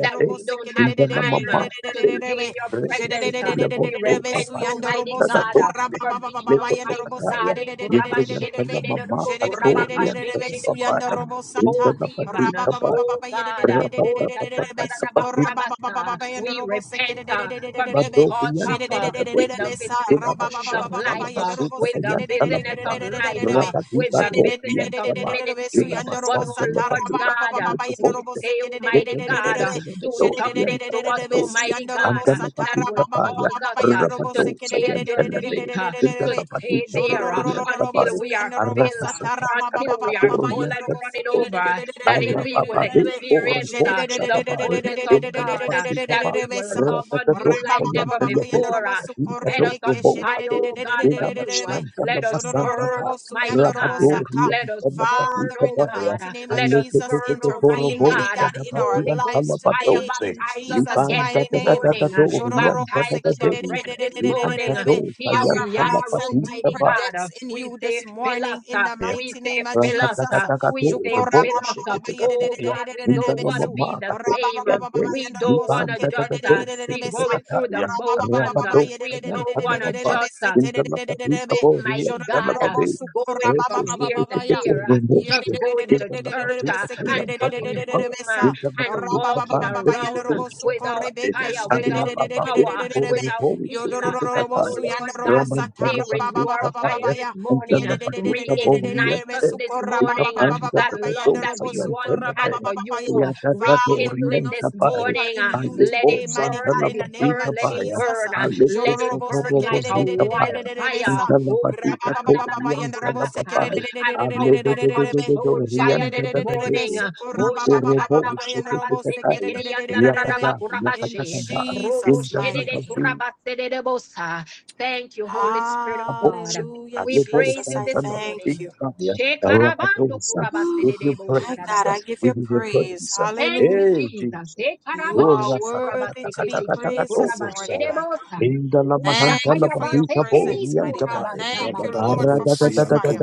that we don't have time uh, to Indanamamabade, stay in your presence. uh. we repent, Rekesetelebotokabaya, Almighty God, uh, Tadatote, for being Almighty Lekotokataya, God. eh, Yetriantalamama, kurabashendekededodobo, Atoriantalababaya, kurabakashendededobosa, robo sata. Cold Rabba even, uh, Indanapatikabaya, oh God, uh, Rabba oh sakandadadabakurabasa. we repent uh, for being caught up uh, with the vicissitudes of life, uh, with the business of life, uh, with the business of ministry. But oh Lord God, uh, we say, Almighty God, uh, do something to us, Almighty God, uh, that will cause us uh, to stay at your feet, uh, to stay Father, there uh, until we are filled, uh, until we are full and running over, uh, that it- we will Ayabababe or experience uh, the Bosadabai fullness of in the God, uh, that Labasitaba, we will love on you Ratatatos, like the never Yantelabe, before. uh, Set Katikato, us on fire, Bosabe, oh God, in for you. uh, Abashanta Let us Labasanta, burn, Almighty God. uh, Rabadori Let and us the burn, in oh the Labatabaya, God. mighty uh, name of Let us Jesus, burn, Alekoro intervene, Almighty mighty God. God, uh, in our Bosadabadi Holy and lives Ghost fire, today. Talabatose, In baptize us Jesus' Lipan again this mighty name. morning. uh, Tatatatori Higher and Baptize us Tatatabe, afresh this morning. uh, Liantatos, Here we are, heights and deeper Almighty God. uh, depths in We you say, this fill us. morning, in uh, the We mighty say, name of fill us. Jesus. uh, We Rakatakatakato, say, Robo, fill us. uh, Oh Sheketekataya, God, we don't want to be Indanamama, the Kato, same. um, Yade, We don't want to just uh, Lipantakatato, be going through the Seketekataya, motions. uh, Rabato, We don't want to Sanantamapa, just uh, Indanapatita, Boria, Almighty God, uh, Talababe, going from Reches, here to Seketo, there, uh, Romo, just going to church Indanapatuka, uh, and coming Tayantamapa, home uh, and Indanapatita, walking Pan, around uh, Seketo, without Shabatae, fire, without Ariababa, power, without Robo, zeal. uh, And so, Seketekataya, Lord God, we say, renew our Ramantanapatita, fire Paya, this and the morning, uh, Lapadita Boria, reignite us this morning, uh, Ikapanda that love that tatadosa we once had yantanabe, for you, uh, Yodorobosukora yatatado Father, Rekindle it bring this us orientabai, deeper morning. in uh, you Let alepo today, it mighty burn, God, let in the it name burn, santanabatika of let it baya, Jesus. burn. uh, alepo Let it Jororobose burn like a satarobozika baya, kededededededededededebesa. wildfire. Oh, antanabatika to Rabababababa yandarobose Satananabakurabaka, orientanabai, An out of aledededededo control fire this Jedededededededebe. morning. orientadadadede, uh, Oh, makorobo Sukorabababababa usheketekataya, kedededededededebe. yakata, In Satanabakurabasindikiriyandarabakurabashi, yakatakaba, Jesus' mighty name. indanabazi Roboshedekurabasedebosa. Thank you, Holy Spirit of God. Abortion. A Hallelujah, We liberal praise Jesus. you I this Santa La thank morning. you. Picabaya, a Shekarabando Rapatosa. If Whew. you My kurabase praise, God, uh, I give we you give you praise. praise. uh, Thank you, Hallelujah. Hey, Jesus. Jesus. You are Ora Ekarabashi worthy to kurabaseke be tikiri praised Satakatakatakatakato this morning, Saya. my God. kurabashedebosa. Inda la mahanta Thank la you for your bahika Ushakayabasekeri presence, mighty God. bori Adim Thank you, kurabasabase. Lord, Create for fresh fire.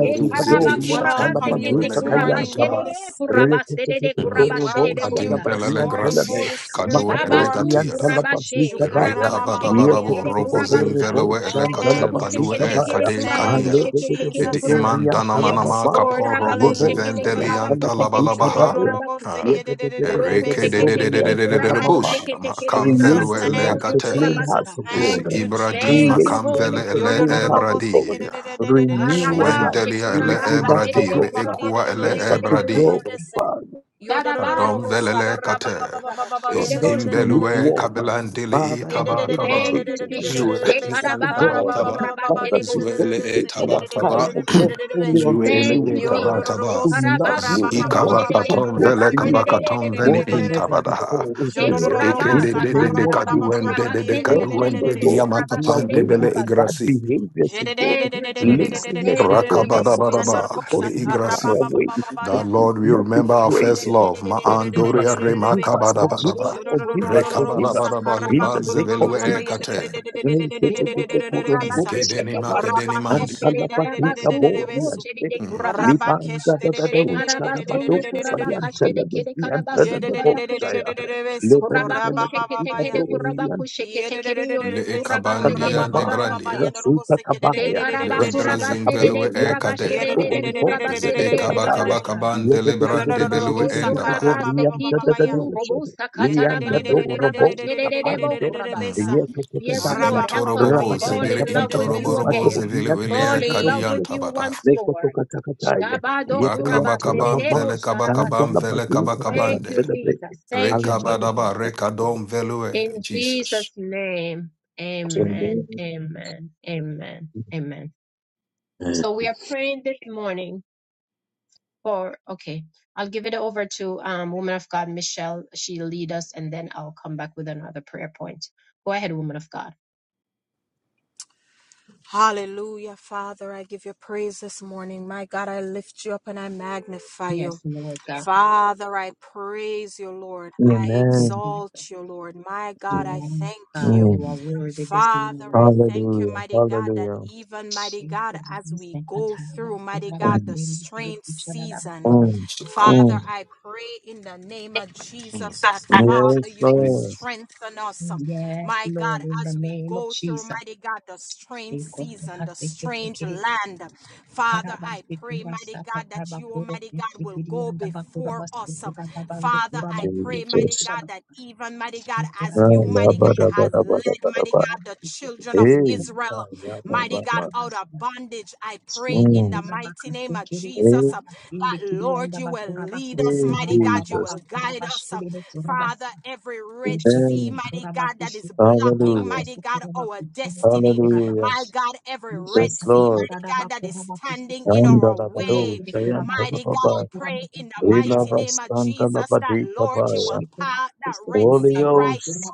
We welcome kurabaseke you te this morning, Holy kurabashedede Spirit. kurabasedede We welcome you kurabashededebosa. this belele morning, grassi, Holy Spirit, kadu in our Shabasu midst. elegatiada, kurabashe karaba Ereka kusheke badabadabo, tekere robozin kurabasa. velewe elegate, Thank Roku you, balue sheke e, Jesus. tekere kade kuraba Thank you, kadia, kusheke tekere Ed Jesus. iman kurabakush. Yes, danamanama Lord. kapo roboziven Kurabakuşekere Hallelujah. delian karabakusekere talabalabaha, kurabakuşe. Ha, Ereke de de de de de Rokushekere de de de de Thank you, bush, kurabakushekere makam Jesus. velue in Thank us you, kurabakusukutu a clean elegate, heart, Jesus. kurabasa. O is Thank God. you, ibradi Thank Create you, Jesus. makam in vele Holy us a Spirit ele of clean God. heart, O God. ebradi, Renew a Yodororoboseke-de-de-de-de-de-de-de-de-de-besa. right Arabashe Zwendelia spirit ele in us, to ebradi, kurabakasekere God. le equa ele Force us kurabakushekere to ebradi, go, kurabasa. Rababababababa-yededededededededededebese. Father. kadom Karabando velele kurabasekere kate, Lord, is kurabashekere not to be bosa. imbelue Yodorororobosukorabababababa-yedededededededededede. lukewarm. uh, kabelandele e Father, in the taba name of taba, Thank you, Jesus, Jesus. zue cause us Yededededededededededededededebesa. ele e to taba Ekarababando God, uh, taba, Father, kurabashekere to zue bosa. ele e dedicate Karabababababa-yedededededebese. our taba taba, time, O <clears throat> God, Kedededededededededededebe. fully zue unto you, Thank O ele you, e God, uh, taba Jesus. taba, to love Ekarabasu you and want zikaba to kuruşerere come katom close vele to you kaba uh, kurabaserere katom veni more than in kurabasu. Yodorororobosukorabababababa-yedededededededededededede. ever tabadaha, before, Rabakesh, O Che is God. uh, kuraba eke In de the de de name de of sakataraba kaduen Jesus, de kuraba uh, de de sende help us, kaduen O de kiriwundu God, diama to kuraba do kapan shere de away bele with karabasta. bad igrasi behaviors, O God, Thank you, Jesus. laziness, Thank O you, God, that Jesus. causes us, Rakabadabaraba, O God, to be leigrasi. far away and That to Lord, we not be remember our prayed. first uh, love. Forgive Maandoria us, forgive us, Baba forgive us, remakabadabaraba. shere forgive kuraba us, forgive seke us. Rekabadabaraba kuraba In the shere name of libazevelue kuraba. Jesus. ekate. Dedede kuraba seke Kedeni tekede makedeni kuraba And mandi. shere Kalapatrika karabasu Bori kuru and chere de Mm. kurabasa. Libanda da da da She Uchada karabasundu Badosa kuraba kaşede Yantelabia kede and karabasu kuraba kuşe. Telabosaya. Kuraba Lebele kuşe kete kede kuraba kuşe kete kede yolu kuraba Allahumma sekede Leekabandia ba kurabasa. lebrandia. rassu ta tabaya rassu ta Shekarabakurabasede Leidrazimvelue tabeyya ma ta ma kurabashede ekadea. doon bo te te te kurabasede kathaile kurabasha. ye Zeekabakabakabande de de de de lebrande de de belue de de de endabaha. liam Shekurabaseki de de de de tuku ushe robusa liam de de Mm. katarabando robo kurabashede bo tapande Mm. kurabasa. ye te te Yes, kathaile Lord, help us to Zintorobobo rababa fall ba in zebiri ba ba love ba with ba you ma do intorobobo again. liam de de zevelue Fall in de love ushe with you kadiantabadaha. once ne more. kotuka kathaile Shabado ye brian Bakabakabam kurabasede Allahumma ba bo vele dan sharabasa. kabakabam Allah ba vele doo te Thank kathaile you, kabakabande. brian Jesus. Thank you, Allahumma brian Jesus. Rekabadaba rekadom velue. In Jesus. Jesus' name. Amen. Amen. Amen. Amen. So we are praying this morning for, okay, I'll give it over to um, woman of God, Michelle. She'll lead us and then I'll come back with another prayer point. Go ahead, woman of God. Hallelujah, Father. I give you praise this morning. My God, I lift you up and I magnify you. Yes, Lord God. Father, I praise you, Lord. I Thank you, Jesus. exalt you, Lord. My God, I Yes, thank God, you. you are worthy this Father, morning. I thank you, Hallelujah. mighty God, that Hallelujah. even, mighty God, as we go through, mighty God, the Mm, strange season, mm, Sukab- Father, mm. I pray in the name of Jesus that, Father, Yes, you will Lord. strengthen us, Yes, my God, Lord, in the as we name of go through, Jesus. mighty God, the strange season, the strange land. Father, I Karabasti pray, kurasa mighty God, tataba that you, kuro Almighty God, will kiri go yanda bakura before basu us. kura babandu Father, kura I basu pray, lekile mighty Jesus. kura God, that basta. even, mighty God, Kura as Ah, you, bakusu la, mighty God, ba, da, lekile ba, has da, ba, yanda da, led, ba, bakura da, mighty ba. kura God, the bakusu children of kure Hey, kura Israel, ah, bakusu ya, ba, kure ba, mighty God, ba. kura out basta. of bondage, I pray Şimdi in Mm. the kura mighty bakusu name of kiri kura Jesus Hey, uh, basu that, lekile Lord, yanda you will bakura lead bakusu us, kura mighty God, bababa you Jesus. will bakura guide basu us. uh, lekile kura Father, basta. every Red Sea, Amen. Kuşakiri mighty kura God, that bakusu is kure kura blocking, Hallelujah. mighty bakusu God, kure our bakusu kure kura Karabasikurasatatarbakuro destiny, kuchikiriandabakurabasukurababandukurabakulikirekurabasa. Kurabakusunekidiandabakurabakurabakuchikitikirikurabasa. Shindekurabakusikirikurabashindekiriandabakurabakusukurabababakurabasindekurabasa. Hallelujah. my Ushakitikurabakushikirikurabakukurabakuchenekirekurabakuse. God, every In Red Yes, Sea. Lord. God, that is standing in Anda our la ba do, way. sayanta la Mighty ba God, ba. I pray in the Ila mighty ba name of standa la ba Jesus that, di ka Lord, ba you ya. will part that Red Holy Sea right. Ghost.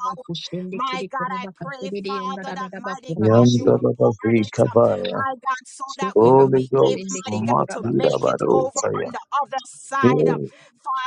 My God, I pray, Father, that mighty God, you Yanda will la ba part di it. ka um, ba ya. My God, so that we will Holy be able, Ghost. mighty God, to Makira make ba it over do, on the other side. Yeah. Um,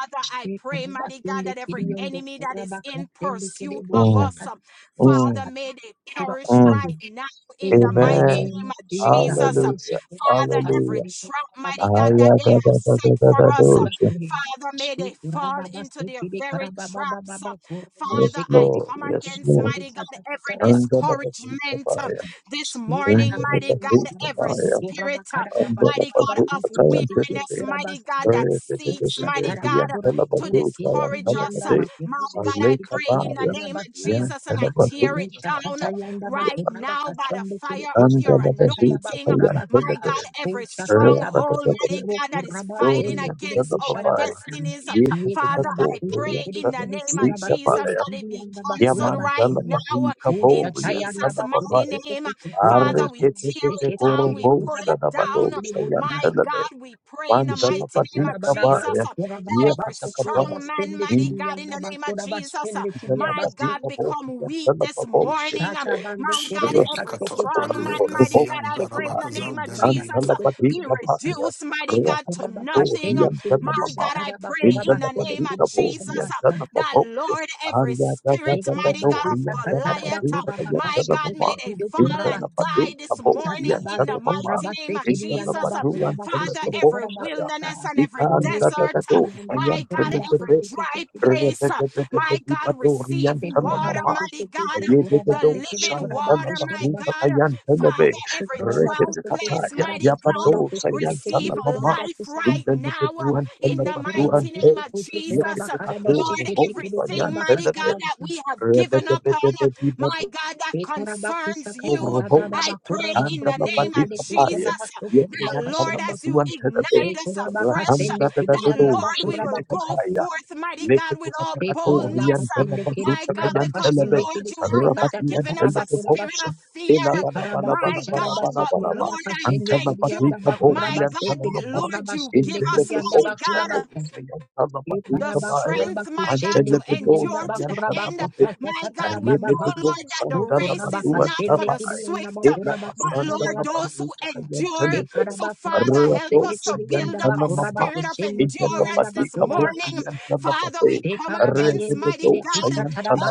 Father, I pray, mighty God, that every enemy that is in pursuit of Mm, us, um, Father, mm, may they perish mm. right now in the the mighty Amen. name name of of Jesus, Jesus. Hallelujah. Father, every Hallelujah. trap, mighty God, that they have set for us, uh, Ayakatakatakatadosha. Kurabasi. Father, may Shi they fall kurababasi into their kiri very traps. karababababa uh. kurubu Yes, Father, I shikiti Lord. come kiri Yes, against, Lord. mighty kurabakutsa God, every discouragement uh, Andalabasutabaya. this morning, mighty God, every Indalabasutabaya. spirit, uh, mighty God, of weariness, Andalabasutayantinity. mighty God, that seeks, mighty God, uh, to discourage us. uh. Orientalabasusayantalabaji. My God, I pray in the Alekabaya. name of Jesus and I tear it down Yantalabasutabaya. right now by the fire of your anointing. uh, My God, Andalabasutayantinity. every stronghold, mighty God, that is fighting against our Orientalababai, destinies. Ye Father, I karabakuste pray kiri in the kiri name of Jesus kurabasere that kiri it be yanda canceled right bakurabasere now in Jesus' Ushatayanda bakuru mighty Yekatekatorientalabasikabaya, name. kutukutu Yamantalabadikaboorientalababai, kura Father, we bakana tear it masekete down, kiri we pull kura it basende down. kiri musha. My Areketeketekorobosadabadosayantalabe, God, we pray in the mighty Sheka name of tarabara Jesus Mantalabadikabaya, bado that kura baba every baso kura strong man, basende mighty kiri God, in yanda the name of bakura Jesus, basende kiri my yabasu. God, become weak this Yekatakabaya, morning. Shata bando My kura Thank God, Sibiri every ikato bakasekete strong kiri balue man, kura mighty God, kazian I pray daraba in bakasekete the kiri name kazan of kura velele Jesus, uh, inta. basekete be kiri kusa. reduced, mighty God, to Shekura nothing. Um, bakashende kiri My kusha God, I taraba pray kura in the basende name of kiri kusha Jesus uh, nabasa. that, Lord, every spirit, Ekura mighty God of bakusa kataraba Goliath, uh, kura my God, may bakasekete they kiri fall kura and basa. die this morning in Satabado the mighty name kurabase of kiriyanda Jesus. Uh, bakurabasu Father, sire every kurabakusa. wilderness and every desert, Rusha uh, katiyanda my God, bakurabasu every sike dry sekire place, uh, my God, receive se water, you. kurabasu mighty God. sike tu um, the kurabasu Yededo kire living Shantala kurabaku water, my Bazuta shirabasu God. Kayantelebe Father, se every dry kurabaku sike tu place, Reketakataya mighty karabaku God, Yabado kurabaku sike receive Sayantala kiri Mama kurabaku life right sabasu now Indelebedu and in se the Telebadu and mighty kurabaku Te name sike of tu Jesus. kurabakarabasu Yeketakato Lord, sike Robo tekire everything, mighty God, Sayantelebe that kurabakasabasu we have given up on, my Rebedebedebedibado God, that se kurabaku concerns sakata you. dada Roboche daba I pray in kurabaku the Kandala sike name of tekire Badika Paye Jesus uh, kushadabasu that, Lord, Yepriantala as kurabakashirabasu you Badu and Telebe ignite us afresh, uh, Ekurabakasende Rapanda that, kiriyanda Dadado Lord, we will bakurabakish. go Sheketakataya forth, mighty God, with all boldness, Lekotokatorian uh, Ekurabakasende kiri my Telabazuta God, Kayan because, Telebe, kurabakashende Lord, kiri you have kushakata not Rabatian given us a Telebe spirit Bosh, katarabakurabasa. of fear, my God, Shekarabakushada but, Lord, Elabanabanabanabanabanabanaba, I basukurabakashende thank you, kiriyanda Antelabatita my Borian God, bakurabase kiri that, Telemaman, Lord, you kurabashende give us, Intelebe kiriyanda mighty Boshato God bakurabasa. Sayan the Telabatita Bae, strength, my God, to Ekarabakurabakashende Antelebedo kiriyanda endure to Sayan the end. Telabate, bakurabakusasa My God, we know, tatarabababa. Lord, Ayebedo that the race Santalabatu is and not for Ukurabakashende the Tabai, kiriyanda swift, but Lord, bakurabakusababasa. those Elabasantalabazuta who Kayan endure. In the Telebe, So, Father, Rato help us to Sayan build up a Telemaman. spirit of endurance Intelapati this kabla morning. Father, yantalapate we come against, reteteto mighty God,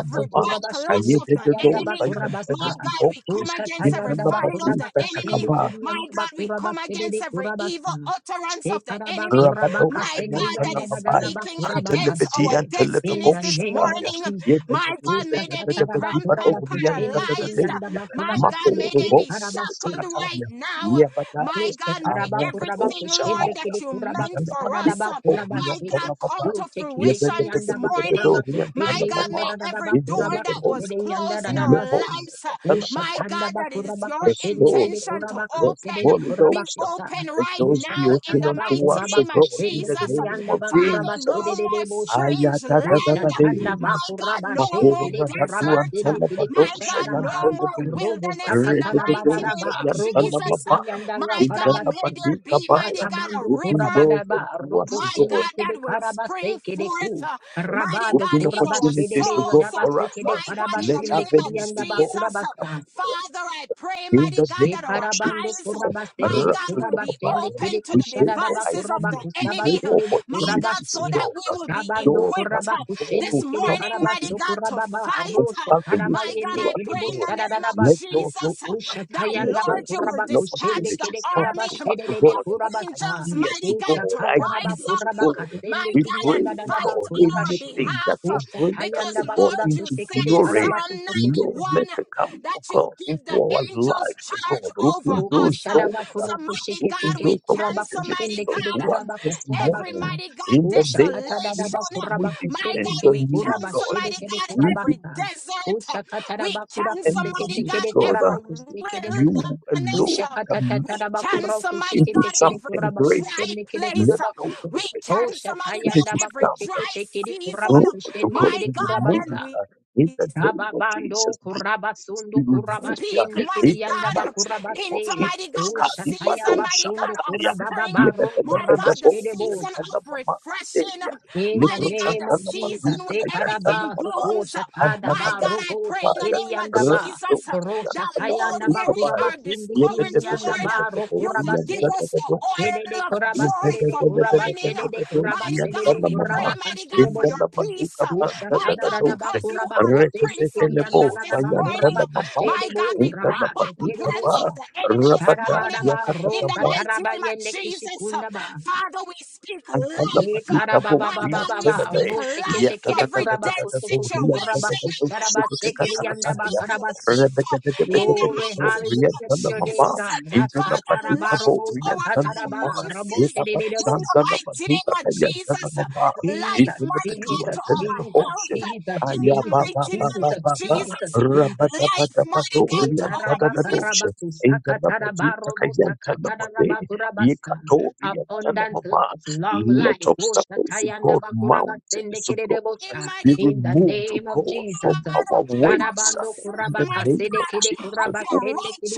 every backlash of the ayeteteto enemy. My God, we sayantalamabosi come against every fight intalapatu of the enemy. My God, we come against every evil utterance of the enemy Rabato my God, that Sayantana is Babai, speaking against Antelipidi our and Telipibo destinies this Shadaya. name of morning. Yes, Jesus, the My God, may they be cramped and paralyzed. My God, Mako may they Revo, be Usakatarabakurabakushendekiriyandabakurabasudekirikarabasi. shackled right Chikitakataya, now. Yabadai, My Este God, may karaba kuraba Arakato everything, Lord, kushende Shabaya, that kiri you kuraba meant for kusada Vidanapati, us, daba uh, kuraba Orian my shi. God, come Tanapatai, to Rute kiri ki fruition this yanda ba morning. kuraba Yabedorian My kushende God, Tanamama, yanda may da da da every ba door kuraba that Intelipibo was kushende yanda closed da in da our ba shi. lives, uh, Usha Shadaya, my kanda God, ba that it is kuraba your Yes, kushende Lord. kiri intention to kuraba Yes, kushende open de Holy kuraba be Ghost. kusa. open Let right those Usha be now in open katara the ba unto mighty us, kuraba O name of God, in kushende the Jesus. kiri name yanda of ba Father, kuraba no kushende Jesus. de de more bosha. strange Usha land. Ayatatatate. kanda ba My God, kuraba shi no more kiri Makora kuraba datu desert. kushende antala kiri My kusha badosha da God, no ba. yantala more be. Robo wilderness in the sakatara mighty name Redededosa of babaraba, robo yantala Jesus. maba. shekili andala My God, Indala may farabati, there badika be, mighty bala. God, a tatamando Open river doors kurabadaba, unto robo us, O my God. shinde God, kede that will spring karabase kede forth, ku, uh, mighty rabado God, Open in our kurabashede opportunities, de O God, souls, uh, dabase for us. kede my God, in the Let karabashende name kidi of avenues, O andaba Jesus. God, Uh, come kurabasa, to us. Father, I pray, In mighty the God, that name our of Sekarabando Jesus, eyes, uh, uh, my kurabastede de God, will be kurabastende Rapidokabaya, kede open to we the pray for kushadadaba devices of the ideas, we enemy, pray uh, for kurabakusabastede de my God, opportunities, so kurabashwe. that God. uh, we will be Shabando Doors that equipped uh, God this kurabakusende will kede morning, come mighty karabasto open God, to kurababa fight. of uh, abosha avenues My God, karabayende unto I us, kede pray in God. the name of Let bushadadabasa. doors Jesus uh, open up. Usha that, Let tayandaba Lord, doors you open. will kurabakusende dispatch the kede Opportunities come army to um, karabashede us, de de God. of kurabasa. angels, Ideas mighty to God, God. Usha to kataraba rise Ideas to up, God. my kurabakasende We kede God, pray, and yandadaba fight God, on our kurabashi. anything that behalf. will Usha bring us, Because, oh tayandaba God, Lord, you into kurakushe said kede in glory. Psalm karabakusokoto. 91 Lord, let it come, that oh you God, into give the our angels lives, oh charge God. over Open those us. Ushadaba doors. uh, So, kurofu mighty shike Open God, we tekele those kuraba cancel, opportunities mighty kushende kele unto us God, kuraba this kasadaba every sa. morning. mighty God In the name of Ushakata dadaba Jesus, desolation. we kuraba My kushende depend God, kele we on you, oh kuraba cancel, God. shede mighty kele God, kuraba We every sa. desert. Ushakata We daba kura cancel, and kuseke when mighty you God, tekele go every kuraba down, it is kuseke de you bosa. who alone wilderness. Ushakata can We make tataraba it cancel, kurofu mighty shike into God, tekele every something kuraba dry greater. kushende kele place. Let kuraba those kuso. We cancel, mighty Ushatayanda God, opportunities every come. bakushike dry tekele season, Oh, kuraba to kushende God, my kele we God, kuraba remove sa. and that in we the name of Sababando Jesus. By grace, kurabasundo We remove Speak, that kurabashende mighty in the kirianda, God, mighty name of bakurabase. into mighty God, Jesus. the Ushataya season, Kadibado mighty basundo God, of Shakataya. spring, kurabababaro Mighty God, the Yebebelebelebo, kurabashede season bosa. Yantana of Mama Kadeya. refreshing, In the Libro mighty God, name the of Santana Jesus, season Mazuta when de Yantana karaba everything Mama. soko blooms. shatada My Antana ba God, I robo pray te in the Mabaya. kiri name of yanda ba Rado Jesus ro that, Yantana shataya Lord, na ba where Mazita we kuraba Baya. are sindi kindi discouraged, yanda Lord, ba ro Yebebebebebebebo, you kuraba will give se us Yantana the Mabaya. shede de oil of kuraba joy shede de for kuraba mourning. shede de Yebebebebebebebo, kuraba Mighty shede God, de Yantana we pray, kuraba Mama. mighty kashide God, for your Indala bosa peace. Baduka u Panda My shatada God, da da ba Dose, because you kuraba are the kusindi Prince of kiri Representele yanda Peace da Bosa, da this ba morning. kuraba Yantala Mamba, kashide My God, bo we Indala break raba te back the kiri Baduka plans of Pa, bosha the enemy this Rabada, morning Sharabadaba in the rosa Yakataka mighty taraba name of yende Jesus. uh, kishipunda ba Father, we speak and tell the Ye life. body Uh, to karaba bow ba My ba the ba God, ba we ba speak enemy. ro Yet life. sekete the Uh, kere the the Every the kuraba dead the the the kutu bow the kutu end the kuraba the situation, the the kusharaba shit my it a sekere God, take we a yanda ba time. speak karabasa. life Rebbe Uh, the the the in the the Glory, mighty name of hallelujah to your name, Jesus. uh, God. In the the body Father, to Ashataraba life bow to robo the end our tell the mama. sakataraba robo In finances the the in son the shededebosa. tell the mighty name bazooka of tell the end tell Jesus. the uh, mama. In Life, Jesus, the the the mighty two God, and Jesus, to tell our the bow Jesus, health shit. Uh, Jesus, in Aya the ba Jesus, ba mighty ba name ba Jesus, of ba ba. Jesus, Jesus. Jesus, the the Life, the the bow mighty God, the to end the our the the the ministry, shit. In the the body to the end tell the mama. Abundant life, long Let life. obstacles, O Oshatayanda God, mountains, O God, bakurabasendekidebocha. be mighty In the removed, O name of God, Jesus. from God. our Don't ways. the Sharabando uh, In the seed, mighty name of kurabakasedekide of Jesus, your O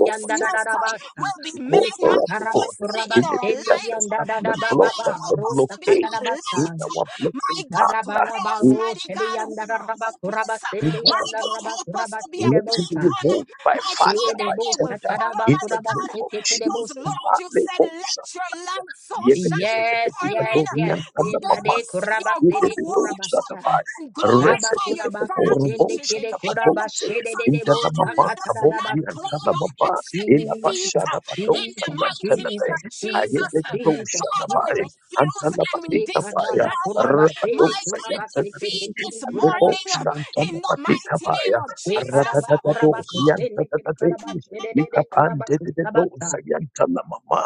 God, and O uh, Jesus, will be O God, made for us, O God, manifested in anything our that life. is standing and My block, God, that's Ushatarabakurabashendeyandadadababa. a help us to be a blockade in Rosakatarabasa. light. our My blessing, God, to Darabaraba those, Father. mighty God, who are roshedeyandararaba hopeless. My In God, kurabasendeyandararaba help us to be a kurabasendebosa. beacon. Mighty God, that they will Erebosa, follow, taraba, mighty kuraba, God. seke, Because, terebosa. Lord, you said, let your light so shine Yes, before yes, men yes. that they may Inade see kuraba your good sede works kurabasha. and Shaba glorify your kuraba Father which kusende is in kede kuraba heaven. shede So, de Father, debosa let us not katarabasa. claim or accept defeat Jesus, uh, in the Jesus, mighty name of Jesus, Jesus, Jesus. Uh, Jesus, Father, we Jesus. refuse and we Ekaraba disallow, uh, kuraba sede my God, kuraba seke defeat tekiri this morning kurabasa. uh, in the mighty name of Jesus. Ekaraba Uh, kuraba Arradadadago, kusende kede yantadadadei, kuraba shede de de kuraba likapandededo, kusabasa. sayantalamama,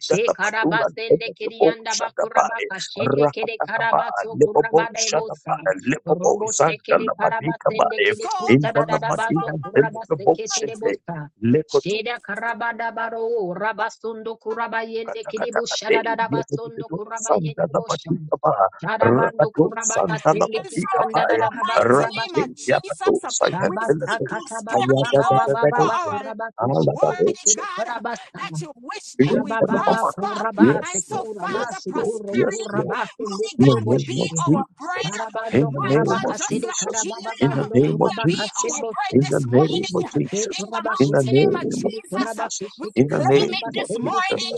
She karabasende antedebo, kirianda shadabai, bakurabaka shende kere rakatakabai, karabaso lebobo, kurabada ebosa. shadabai, lebobo, Robo shekere karabasende zandalabadikabai, kiri Soul kusada indalabadi, dadabando kurabase antedebo, ketere shede, bosa. Sheda karabada baro rabasundo kurabayende kiri Katakatakate, bushada dadabasondo yetetetetu, kurabayende bosha. sandalapatikapaha, Shadabando rakatu, kurabaka sende And so, kirianda in sandalapatikapaha, the dadaba mighty name rakate, of kurabashi. Jesus, yakatu, um, we Shabasa speak sayanteletu, katababa prosperity baba over baba ayatatatatatu, baba our kurabaku amalapatu, shekete Almighty kiri God, um, karabasa. that you wish that we Ababa shakriyantanamama. prosper. kurabase And Yes, so, Lord. Yes, Father, kurabasi Lord. kuro Yes, prosperity, Lord. kurabase le mighty In the God, will be name of kuroboshe. our bread. Jesus. In Marabando the My name God, kurabaka of just sede like Jesus. In healing the karababando name of will be kurabaka our Jesus. bread shedbota. In the this name of morning. E Jesus. In the In kurabaku the mighty name of sekete name of kiri Jesus, uh, Jesus. kurabaku we In shekiri the claim name it kanba of this sende Jesus. morning. kiri